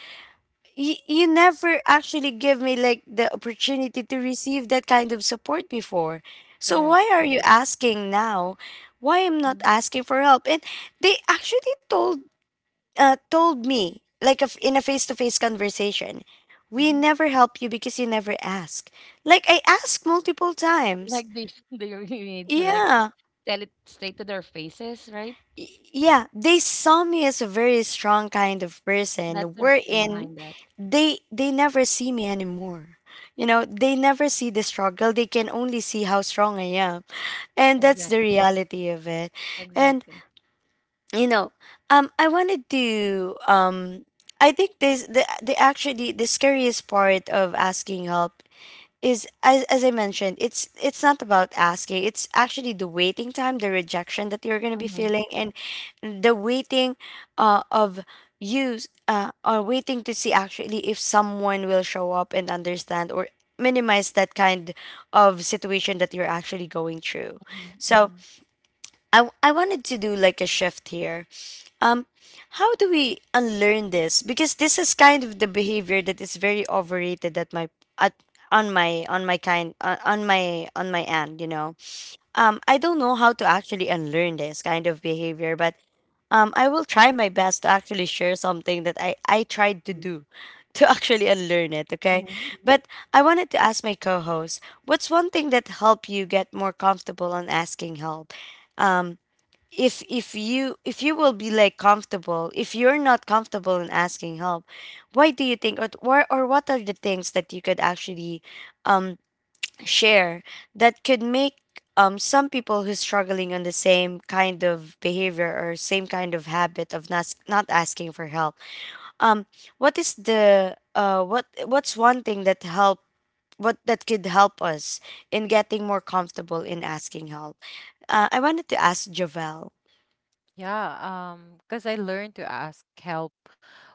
Speaker 1: you never actually give me like the opportunity to receive that kind of support before. So
Speaker 3: Correct.
Speaker 1: why are you
Speaker 3: Correct.
Speaker 1: asking now? Why I'm not
Speaker 3: Hmm.
Speaker 1: asking for help? And they actually told me like a f in a face-to-face conversation, we
Speaker 3: Hmm.
Speaker 1: never help you because you never ask. Like I asked multiple times.
Speaker 3: Like, they they really need to, like,
Speaker 1: Yeah.
Speaker 3: tell it straight to their faces, right?
Speaker 1: Y- yeah, they saw me as a very strong kind of
Speaker 3: That's
Speaker 1: person,
Speaker 3: the reason
Speaker 1: wherein
Speaker 3: behind that.
Speaker 1: they never see me anymore. You know, they never see the struggle. They can only see how strong I am. And that's the
Speaker 3: Exactly.
Speaker 1: reality of it. And
Speaker 3: Exactly.
Speaker 1: you know, I wanted to I think this, the actually the scariest part of asking help is, as I mentioned, it's not about asking. It's actually the waiting time, the rejection that you're gonna be
Speaker 3: Mm-hmm.
Speaker 1: feeling, and the waiting of you s- or waiting to see actually if someone will show up and understand or minimize that kind of situation that you're actually going through. So
Speaker 3: Mm-hmm.
Speaker 1: I wanted to do like a shift here, um, how do we unlearn this? Because this is kind of the behavior that is very overrated at my, at on my, on my kind on on my end. You know, I don't know how to actually unlearn this kind of behavior, but I will try my best to actually share something that I tried to
Speaker 3: Mm-hmm.
Speaker 1: do to actually unlearn it. Okay,
Speaker 3: Mhm.
Speaker 1: but I wanted to ask my co-host, what's one thing that helped you get more comfortable on asking help? If you will be like comfortable if you're not comfortable in asking help. Why do you think, or what are the things that you could actually um share that could make some people who's struggling on the same kind of behavior or same kind of habit of not asking for help? um what's one thing that could help us in getting more comfortable in asking help? I wanted to ask Javel.
Speaker 2: Yeah, because I learned to ask help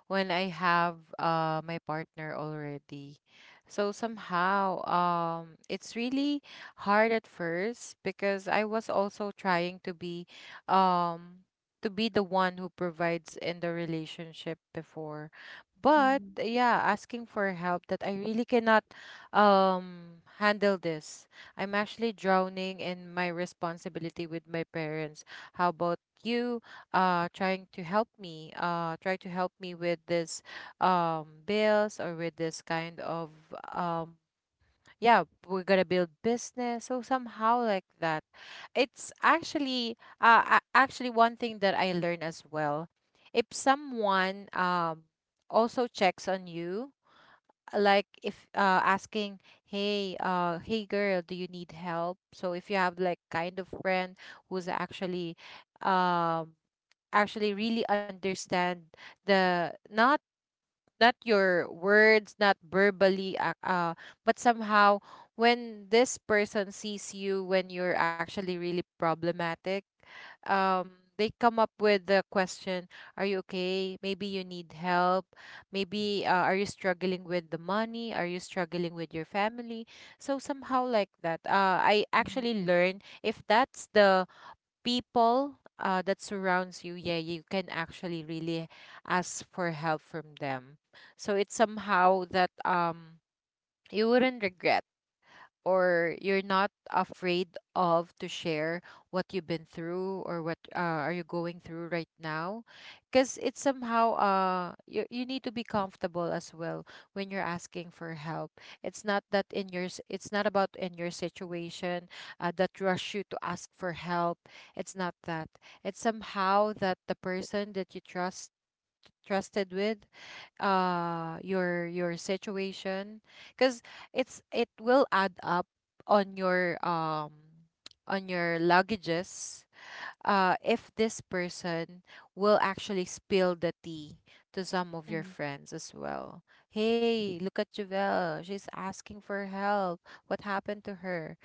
Speaker 2: when I have my partner already. So somehow, it's really hard at first because I was also trying um, to be the one who provides in the relationship before. But
Speaker 3: Mm-hmm.
Speaker 2: yeah, asking for help that I really cannot, handle this. I'm actually drowning in my responsibility with my parents. How about you? Try to help me with this, um, bills or with this kind of, um, yeah, we're gonna build business, so somehow like that. It's actually actually one thing that I learned as well, if someone, um, also checks on you. Like if, asking, hey, hey girl, do you need help? So if you have like kind of friend who's actually, um, actually really understand the, not not your words, not verbally but somehow, when this person sees you when you're actually really problematic, um, they come up with the question, are you okay? Maybe you need help. Maybe, are you struggling with the money? Are you struggling with your family? So somehow like that, I
Speaker 3: Mhm.
Speaker 2: actually learned if that's the people, that surrounds you, yeah, you can actually really ask for help from them. So it's somehow that, um, you wouldn't regret or you're not afraid of to share what you've been through or what, are you going through right now. Because it's somehow, you, you need to be comfortable as well when you're asking for help. It's not that in it's not about in your situation, that rush you to ask for help. It's not that. It's somehow that the person that you trust trusted with, your situation, because it's it will add up on your, um, on your luggages, if this person will actually spill the tea to some of your
Speaker 3: Mhm.
Speaker 2: friends as well. Hey, look at Javel, she's asking for help. What happened to her?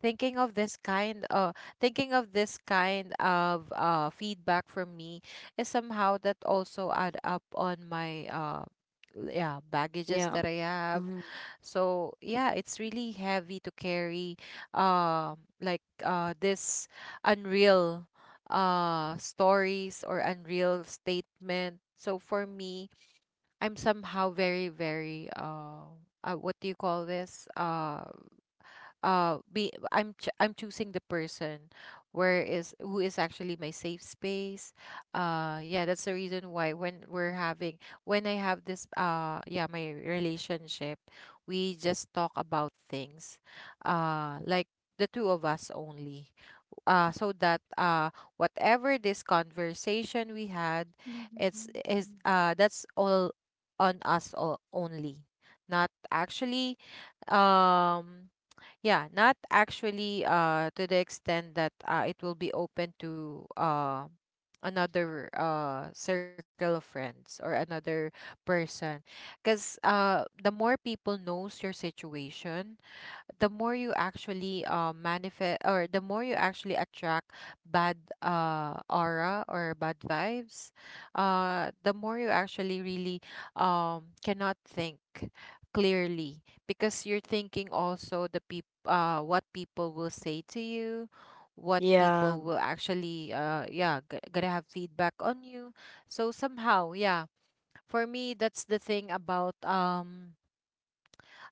Speaker 2: thinking of this kind uh Thinking of this kind of, feedback from me is somehow that also add up on my, yeah, baggages
Speaker 1: Yeah.
Speaker 2: that I have.
Speaker 1: Mhm.
Speaker 2: So yeah, it's really heavy to carry, um, like, this unreal, stories or unreal statement. So for me, I'm somehow very, very, what do you call this, I'm choosing the person where is who is actually my safe space. Yeah, that's the reason why when we're having when I have this, yeah, my relationship, we just talk about things, like the two of us only. So that, whatever this conversation we had,
Speaker 3: Mhm.
Speaker 2: it's
Speaker 3: Mhm.
Speaker 2: is that's all on us all only. Not actually, um, yeah, not actually to the extent that, it will be open to, another, circle of friends or another person. Because, the more people knows your situation, the more you actually, manifest, or the more you actually attract bad, aura or bad vibes, the more you actually really, cannot think clearly, because you're thinking also what people will say to you, what
Speaker 1: Yeah,
Speaker 2: people will actually yeah gonna have feedback on you. So somehow, yeah, for me, that's the thing about, um,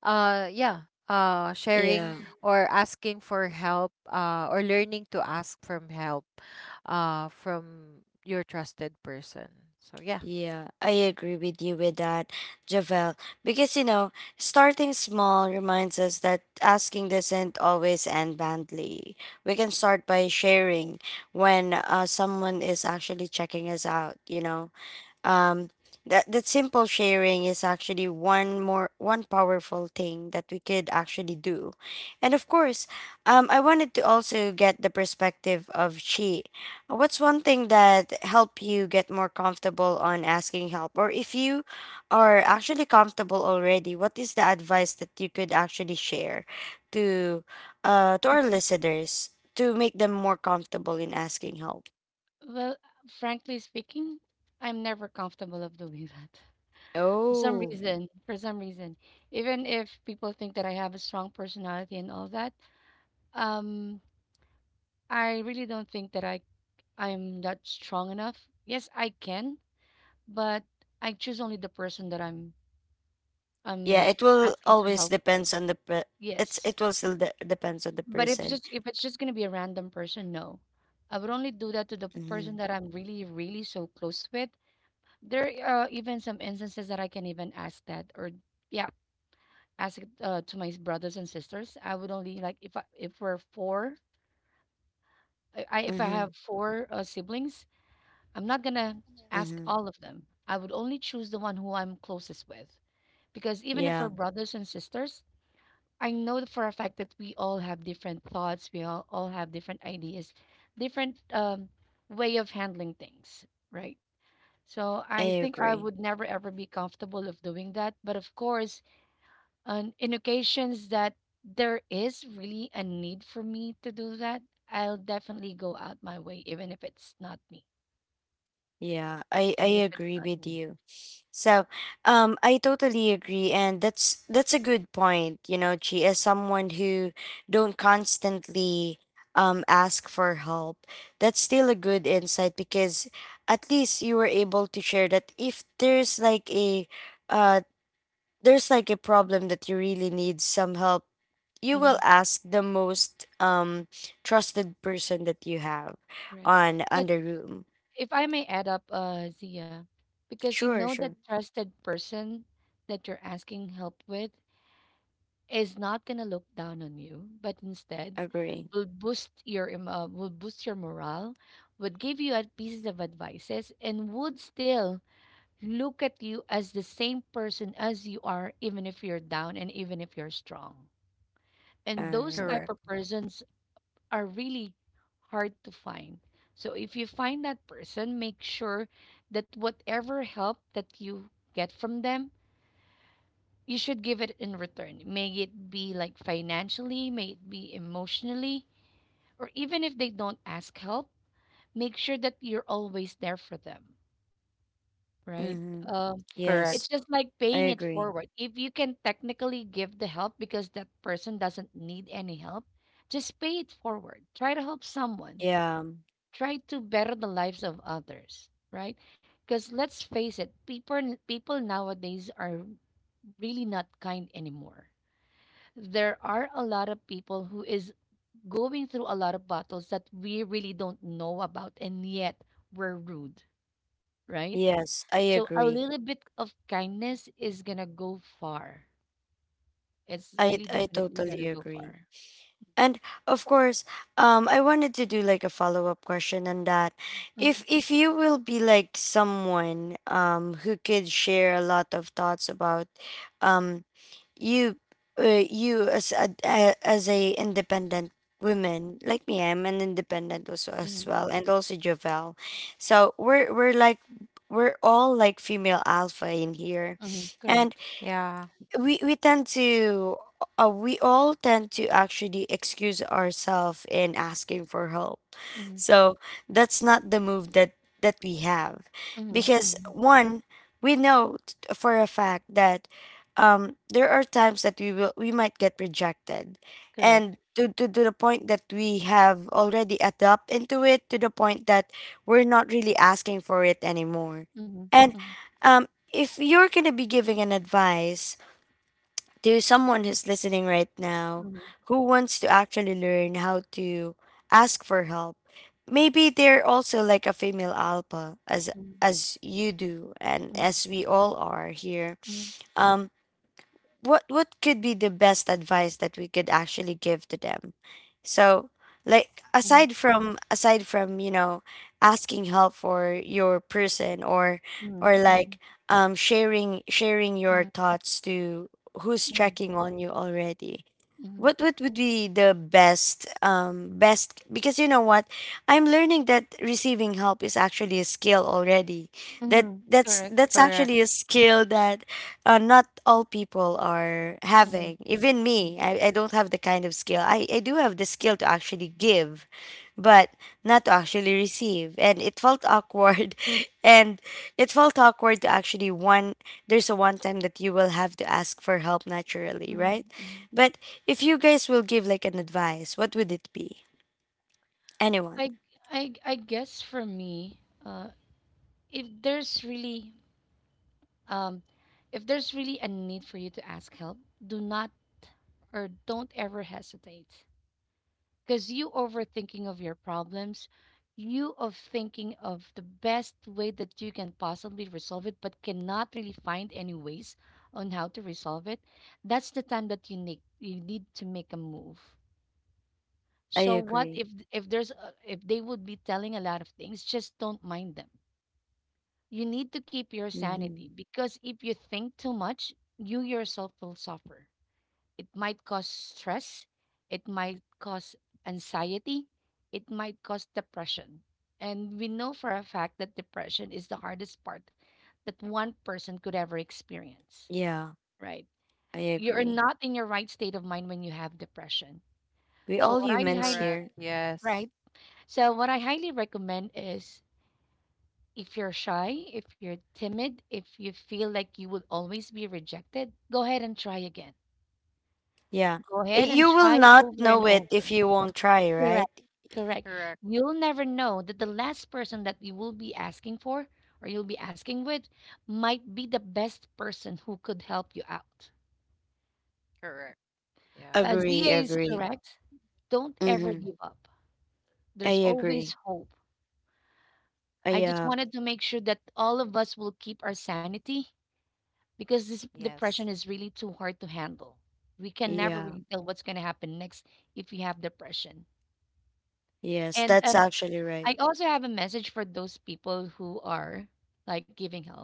Speaker 2: yeah,
Speaker 1: yeah,
Speaker 2: sharing or asking for help, or learning to ask from help, from your trusted person. So yeah.
Speaker 1: yeah. I agree with you with that, Javel. Because, starting small reminds us that asking doesn't always end badly. We can start by sharing when someone is actually checking us out, you know. um that simple sharing is actually one powerful thing that we could actually do. And of course, I wanted to also get the perspective of Chi. What's one thing that helped you get more comfortable on asking help? Or if you are actually comfortable already, what is the advice that you could actually share to to our listeners to make them more comfortable in asking help?
Speaker 3: Well, frankly speaking, I'm never comfortable of doing that.
Speaker 1: Oh.
Speaker 3: For some reason, even if people think that I have a strong personality and all that, um, I really don't think that I'm that strong enough. Yes, I can, but I choose only the person that
Speaker 1: Yeah,
Speaker 3: I'm
Speaker 1: it will
Speaker 3: asking for
Speaker 1: always
Speaker 3: help with.
Speaker 1: depends on the per-
Speaker 3: Yes,
Speaker 1: it will still depends on the
Speaker 3: but if,
Speaker 1: person.
Speaker 3: just if it's just gonna be a random person, no, I would only do that to the person
Speaker 1: Mhm.
Speaker 3: that I'm really really so close with. There are even some instances that I can even ask that, or yeah, ask it, to my brothers and sisters. I would only, like, if I, if we're four, if I have
Speaker 1: Mhm.
Speaker 3: four siblings, I'm not gonna ask
Speaker 1: Mhm.
Speaker 3: all of them. I would only choose the one who I'm closest with, because even if we're
Speaker 1: Yeah,
Speaker 3: brothers and sisters, I know for a fact that we all have different thoughts. We all have different ideas, different way of handling things, right? So I
Speaker 1: I
Speaker 3: think I
Speaker 1: agree.
Speaker 3: would never ever be comfortable of doing that. But of course, on in occasions that there is really a need for me to do that, I'll definitely go out my way, even if it's not me.
Speaker 1: Yeah, I
Speaker 3: Even
Speaker 1: I
Speaker 3: if it's
Speaker 1: agree
Speaker 3: not
Speaker 1: with
Speaker 3: me.
Speaker 1: you. So, I totally agree, and that's a good point, you know, Chi, as someone who don't constantly ask for help. That's still a good insight because at least you were able to share that if uh there's like a problem that you really need some help, you will
Speaker 3: Hmm,
Speaker 1: ask the most trusted person that you have
Speaker 3: correct.
Speaker 1: on
Speaker 3: Because,
Speaker 1: the room.
Speaker 3: if I may add up, Zia, because you
Speaker 1: Sure,
Speaker 3: know that
Speaker 1: sure.
Speaker 3: trusted person that you're asking help with is not going to look down on you, but instead
Speaker 1: Agree.
Speaker 3: will will boost your morale, would give you pieces of advices, and would still look at you as the same person as you are, even if you're down and even if you're strong. And those
Speaker 1: Alright.
Speaker 2: Correct.
Speaker 3: type of persons are really hard to find. So if you find that person, make sure that whatever help that you get from them, you should give it in return. May it be like financially, may it be emotionally, or even if they don't ask help, make sure that you're always there for them, right?
Speaker 1: Mm-hmm.
Speaker 3: Um,
Speaker 2: Correct.
Speaker 3: it's
Speaker 1: Yes,
Speaker 3: just like
Speaker 1: I
Speaker 3: paying it
Speaker 1: agree.
Speaker 3: forward. If you can technically give the help because that person doesn't need any help, just pay it forward. Try to help someone.
Speaker 1: Yeah.
Speaker 3: Try to better the lives of others, right? Because let's face it, people people nowadays are really not kind anymore. There are a lot of people who is going through a lot of battles that we really don't know about, and yet we're rude, right?
Speaker 1: Yes, I
Speaker 3: So a
Speaker 1: agree.
Speaker 3: little bit of kindness is gonna go far. It's
Speaker 1: I
Speaker 3: really
Speaker 1: I
Speaker 3: definitely gonna
Speaker 1: totally
Speaker 3: go
Speaker 1: agree.
Speaker 3: far.
Speaker 1: And of course, I wanted to do like a follow up question on that.
Speaker 3: Mm-hmm,
Speaker 1: If you will be like someone who could share a lot of thoughts about um you, you as a as a independent woman like me. I'm an independent also as
Speaker 3: mm-hmm,
Speaker 1: well, and also Jovel. So we're we're all like female alpha in here.
Speaker 3: mm-hmm,
Speaker 1: And
Speaker 3: correct.
Speaker 2: Yeah.
Speaker 1: we we tend to we all tend to actually excuse ourselves in asking for help,
Speaker 3: Mm-hmm,
Speaker 1: so that's not the move that we have.
Speaker 3: mm-hmm,
Speaker 1: Because
Speaker 3: mm-hmm,
Speaker 1: one, we know for a fact that, there are times that we might get rejected, and
Speaker 3: correct.
Speaker 1: to the point that we have already adopt into it, to the point that we're not really asking for it anymore.
Speaker 3: Mm-hmm,
Speaker 1: And
Speaker 3: mm-hmm,
Speaker 1: um, if you're gonna be giving an advice to someone who's listening right now,
Speaker 3: mm-hmm,
Speaker 1: who wants to actually learn how to ask for help, maybe they're also like a female alpha as you do, and
Speaker 3: mm-hmm,
Speaker 1: as we all are here.
Speaker 3: mm-hmm,
Speaker 1: Um what could be the best advice that we could actually give to them? So, like,
Speaker 3: mm-hmm,
Speaker 1: aside from, you know, asking help for your person, or
Speaker 3: mm-hmm,
Speaker 1: like, sharing your
Speaker 3: mm-hmm,
Speaker 1: thoughts to who's checking on you already.
Speaker 3: mm-hmm,
Speaker 1: What would be the best, because you know what, I'm learning that receiving help is actually a skill already. That
Speaker 3: mm-hmm, correct.
Speaker 1: that's
Speaker 2: Correct.
Speaker 1: actually a skill that not all people are
Speaker 3: Mm-hmm,
Speaker 1: having. Even me, I don't have the kind of skill. I do have the skill to actually give, but not to actually receive. And it felt awkward. And it felt awkward to actually, one, there's a one time that you will have to ask for help naturally,
Speaker 3: mm-hmm,
Speaker 1: right?
Speaker 3: mm-hmm.
Speaker 1: But if you guys will give like an advice, what would it be? Anyone?
Speaker 3: I guess for me, uh, if there's really um, if there's really a need for you to ask help, do not, or don't ever hesitate, because you overthinking of your problems, you of thinking of the best way that you can possibly resolve it, but cannot really find any ways on how to resolve it. That's the time that you need to make a move.
Speaker 1: I
Speaker 3: So what
Speaker 1: agree.
Speaker 3: if there's a, if they would be telling a lot of things, just don't mind them. You need to keep your
Speaker 1: Hmm.
Speaker 3: sanity, because if you think too much, you yourself will suffer. It might cause stress, it might cause anxiety, it might cause depression. And we know for a fact that depression is the hardest part that one person could ever experience,
Speaker 1: Yeah,
Speaker 3: right?
Speaker 1: I
Speaker 3: You're
Speaker 1: agree.
Speaker 3: not in your right state of mind when you have depression.
Speaker 1: We
Speaker 3: So
Speaker 1: all
Speaker 3: what I
Speaker 1: humans
Speaker 3: highly,
Speaker 2: Correct,
Speaker 1: here.
Speaker 2: yes.
Speaker 3: right? So what I highly recommend is, if you're shy, if you're timid, if you feel like you will always be rejected, go ahead and try again.
Speaker 1: Yeah.
Speaker 3: Go ahead and
Speaker 1: You will
Speaker 3: try
Speaker 1: not
Speaker 3: over and
Speaker 1: know it if
Speaker 3: over.
Speaker 1: you won't try, right?
Speaker 3: Correct. Correct.
Speaker 2: Correct.
Speaker 3: You'll never know that the last person that you will be asking for, or you'll be asking with, might be the best person who could help you out.
Speaker 2: Correct. Yeah.
Speaker 1: Agree,
Speaker 3: Zia is
Speaker 1: agree.
Speaker 3: correct. Don't ever
Speaker 1: Mm-hmm.
Speaker 3: give up.
Speaker 1: I
Speaker 3: There's
Speaker 1: agree.
Speaker 3: always hope. I just
Speaker 1: Yeah,
Speaker 3: wanted to make sure that all of us will keep our sanity, because this
Speaker 2: Yes.
Speaker 3: depression is really too hard to handle. We can never
Speaker 1: yeah.
Speaker 3: really tell what's going to happen next if we have depression.
Speaker 1: Yes,
Speaker 3: And
Speaker 1: that's actually right.
Speaker 3: I also have a message for those people who are, like, giving help.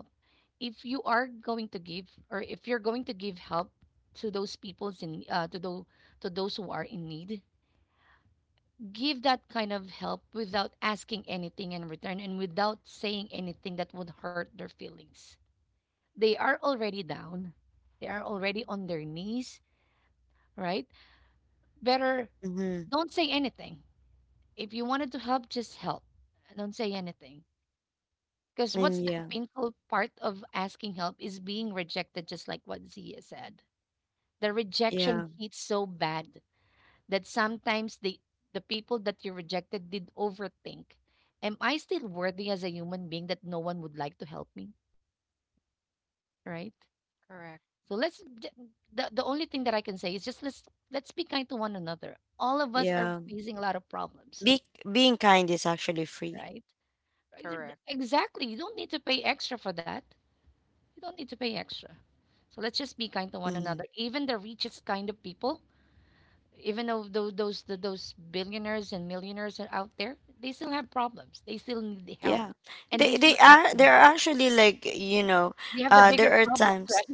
Speaker 3: If you are going to give, or if you're going to give help to those to those who are in need, give that kind of help without asking anything in return and without saying anything that would hurt their feelings. They are already down. They are already on their knees, right? Better
Speaker 1: Mm-hmm.
Speaker 3: don't say anything. If you wanted to help, just help. Don't say anything. Because what's
Speaker 1: And
Speaker 3: the
Speaker 1: yeah,
Speaker 3: painful part of asking help is being rejected, just like what Zia said. The rejection
Speaker 1: yeah.
Speaker 3: hits so bad that sometimes the people that you rejected did overthink. Am I still worthy as a human being that no one would like to help me? Right?
Speaker 2: Correct.
Speaker 3: So the only thing that I can say is, just let's be kind to one another. All of us are
Speaker 1: Yeah,
Speaker 3: facing a lot of problems,
Speaker 1: be being kind is actually free.
Speaker 3: right? Right,
Speaker 2: Correct.
Speaker 3: exactly. You don't need to pay extra for that. You don't need to pay extra. So let's just be kind to one another.
Speaker 1: Hmm.
Speaker 3: Even the richest kind of people, even though those billionaires and millionaires are out there, they still have problems. They still need the help,
Speaker 1: Yeah,
Speaker 3: and they still ask for
Speaker 1: they're
Speaker 3: help.
Speaker 1: actually, like, you know,
Speaker 3: They have the bigger
Speaker 1: there are
Speaker 3: problems, right?
Speaker 1: times.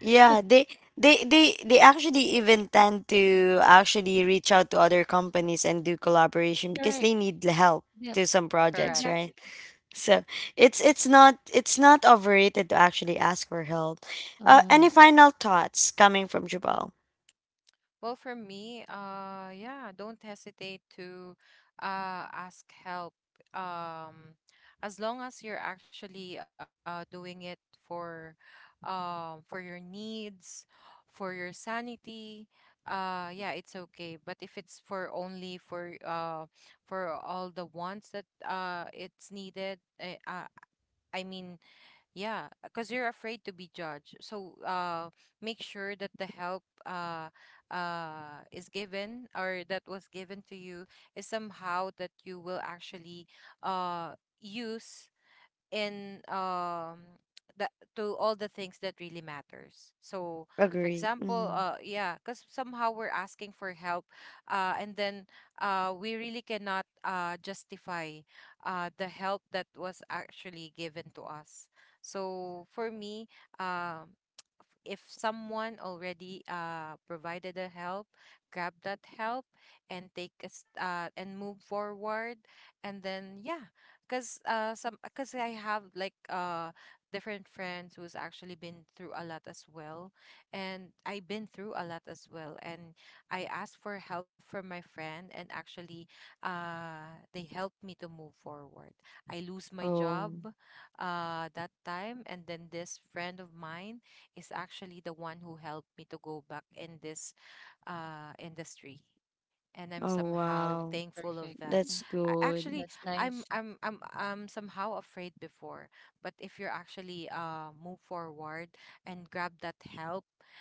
Speaker 1: Yeah, they actually even tend to actually reach out to other companies and do collaboration because
Speaker 3: Correct.
Speaker 1: they need the help
Speaker 3: Yeah.
Speaker 1: to some projects,
Speaker 2: Correct.
Speaker 1: right?
Speaker 3: Exactly.
Speaker 1: So it's not overrated to actually ask for help.
Speaker 3: Mm-hmm.
Speaker 1: Any final thoughts coming from Jabal?
Speaker 2: Well, for me, yeah, don't hesitate to, ask help. Um, as long as you're actually, doing it for, for your needs, for your sanity, yeah, it's okay. But if it's for only for, for all the wants that, it's needed, I mean, yeah, because you're afraid to be judged. So, make sure that the help, is given or that was given to you is somehow that you will actually, uh, use in, that, to all the things that really matters. So for
Speaker 1: Agree.
Speaker 2: example,
Speaker 1: Hmm.
Speaker 2: yeah, because somehow we're asking for help, and then, we really cannot justify the help that was actually given to us. So for me, um, if someone already, provided a help, grab that help and take us, and move forward. And then yeah, because, some, because I have like, different friends who's actually been through a lot as well, and I've been through a lot as well. And I asked for help from my friend, and actually, they helped me to move forward. I lose my job,
Speaker 1: Oh,
Speaker 2: that time, and then this friend of mine is actually the one who helped me to go back in this, industry, and I'm
Speaker 1: oh
Speaker 2: somehow
Speaker 3: Perfect.
Speaker 1: wow.
Speaker 2: thankful of
Speaker 3: Perfect.
Speaker 2: that.
Speaker 3: Mm.
Speaker 1: That's
Speaker 2: I, actually,
Speaker 1: good.
Speaker 3: That's
Speaker 2: I'm
Speaker 3: nice.
Speaker 2: I'm I'm I'm somehow afraid before, but if you're actually move forward and grab that help,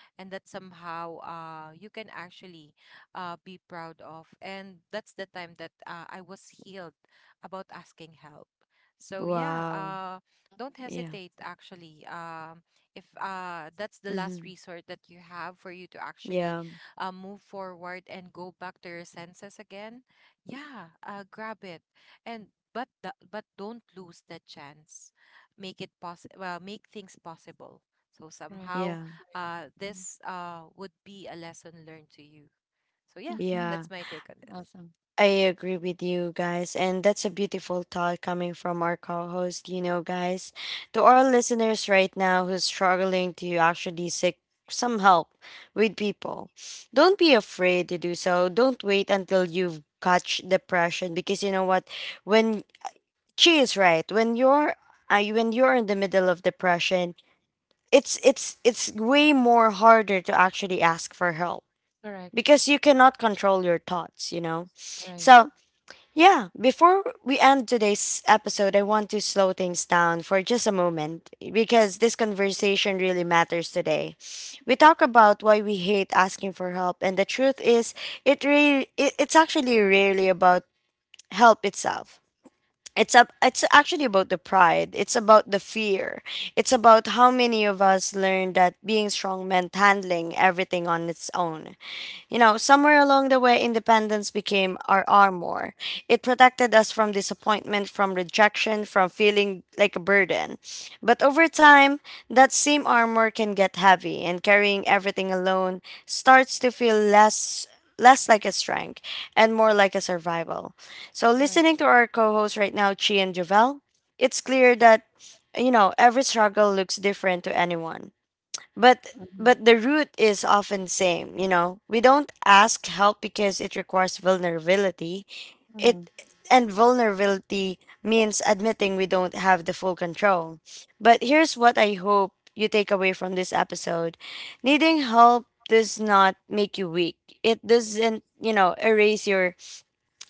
Speaker 2: and that somehow, you can actually, be proud of, and that's the time that, I was healed about asking help. So yeah,
Speaker 1: Wow.
Speaker 2: don't
Speaker 1: Yeah.
Speaker 2: hesitate. Actually, if that's the last
Speaker 1: Mm-hmm.
Speaker 2: resort that you have for you to actually,
Speaker 1: Yeah.
Speaker 2: move forward and go back to your senses again, yeah, grab it. And but the, but don't lose the chance. Make it possible. Well, make things possible. So
Speaker 3: Correct.
Speaker 2: somehow,
Speaker 1: Yeah.
Speaker 3: Correct. Mm-hmm.
Speaker 2: this would be a lesson learned to you. So yeah,
Speaker 3: Mm-hmm.
Speaker 1: Yeah.
Speaker 2: that's my take on this.
Speaker 3: Awesome.
Speaker 1: I agree with you guys. And that's a beautiful thought coming from our co host, you know, guys. To our listeners right now who's struggling to actually seek some help with people, don't be afraid to do so. Don't wait until you've catch depression, because you know what? When she is right, when when you're in the middle of depression, it's way more harder to actually ask for help
Speaker 3: Correct.
Speaker 1: because you cannot control your thoughts, you know.
Speaker 3: Right.
Speaker 1: So, yeah, before we end today's episode, I want to slow things down for just a moment, because this conversation really matters today. We talk about why we hate asking for help, and the truth is, it's actually really about help itself. It's actually about the pride. It's about the fear. It's about how many of us learned that being strong meant handling everything on its own. You know, somewhere along the way, independence became our armor. It protected us from disappointment, from rejection, from feeling like a burden. But over time, that same armor can get heavy, and carrying everything alone starts to feel less like a strength and more like a survival. So
Speaker 3: Correct.
Speaker 1: listening to our co-hosts right now, Chi and Javel, it's clear that, you know, every struggle looks different to anyone, but
Speaker 3: Mm-hmm.
Speaker 1: the root is often same. You know, we don't ask help because it requires vulnerability.
Speaker 3: Mm-hmm.
Speaker 1: It And vulnerability means admitting we don't have the full control. But here's what I hope you take away from this episode: needing help does not make you weak. It doesn't, you know, erase your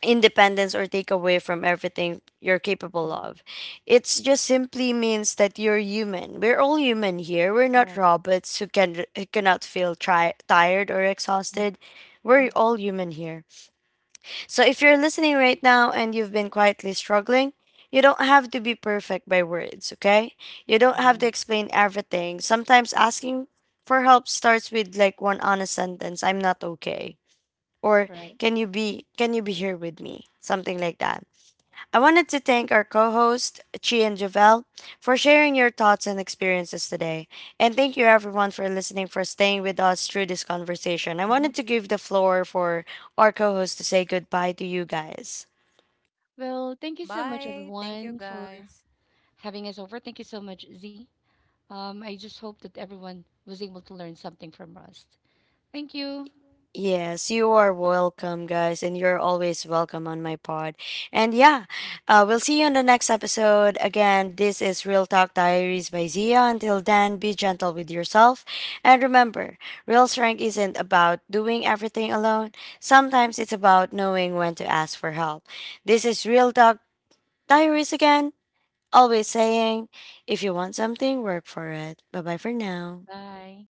Speaker 1: independence or take away from everything you're capable
Speaker 3: Mhm.
Speaker 1: of. It's just simply means that you're human. We're all human here. We're not
Speaker 3: Correct.
Speaker 1: robots who cannot feel tired or
Speaker 3: Mm,
Speaker 1: exhausted. We're all
Speaker 3: mhm.
Speaker 1: human here. So if you're listening right now and you've been quietly struggling, you don't have to be perfect by words, okay? You don't have to
Speaker 3: Right,
Speaker 1: explain everything. Sometimes asking for help starts with like one honest sentence: "I'm not okay," or,
Speaker 3: right.
Speaker 1: can you be here with me," something like that. I wanted to thank our co-host Chi and Javel for sharing your thoughts and experiences today, and thank you everyone for listening, for staying with us through this conversation. I
Speaker 3: Mhm.
Speaker 1: wanted to give the floor for our co-host to say goodbye to you guys.
Speaker 3: Well, thank you so much,
Speaker 2: Bye. Thank you,
Speaker 3: everyone, for
Speaker 2: guys.
Speaker 3: having us over. Thank you so much, Z. I just hope that everyone was able to learn something from Rust. Thank you.
Speaker 1: Yes, you are welcome, guys, and you're always welcome on my pod. And yeah, we'll see you on the next episode. Again, this is Real Talk Diaries by Zia. Until then, be gentle with yourself. And remember, real strength isn't about doing everything alone, sometimes it's about knowing when to ask for help. This is Real Talk Diaries again, always saying, if you want something, work for it. Bye bye for now.
Speaker 3: Bye.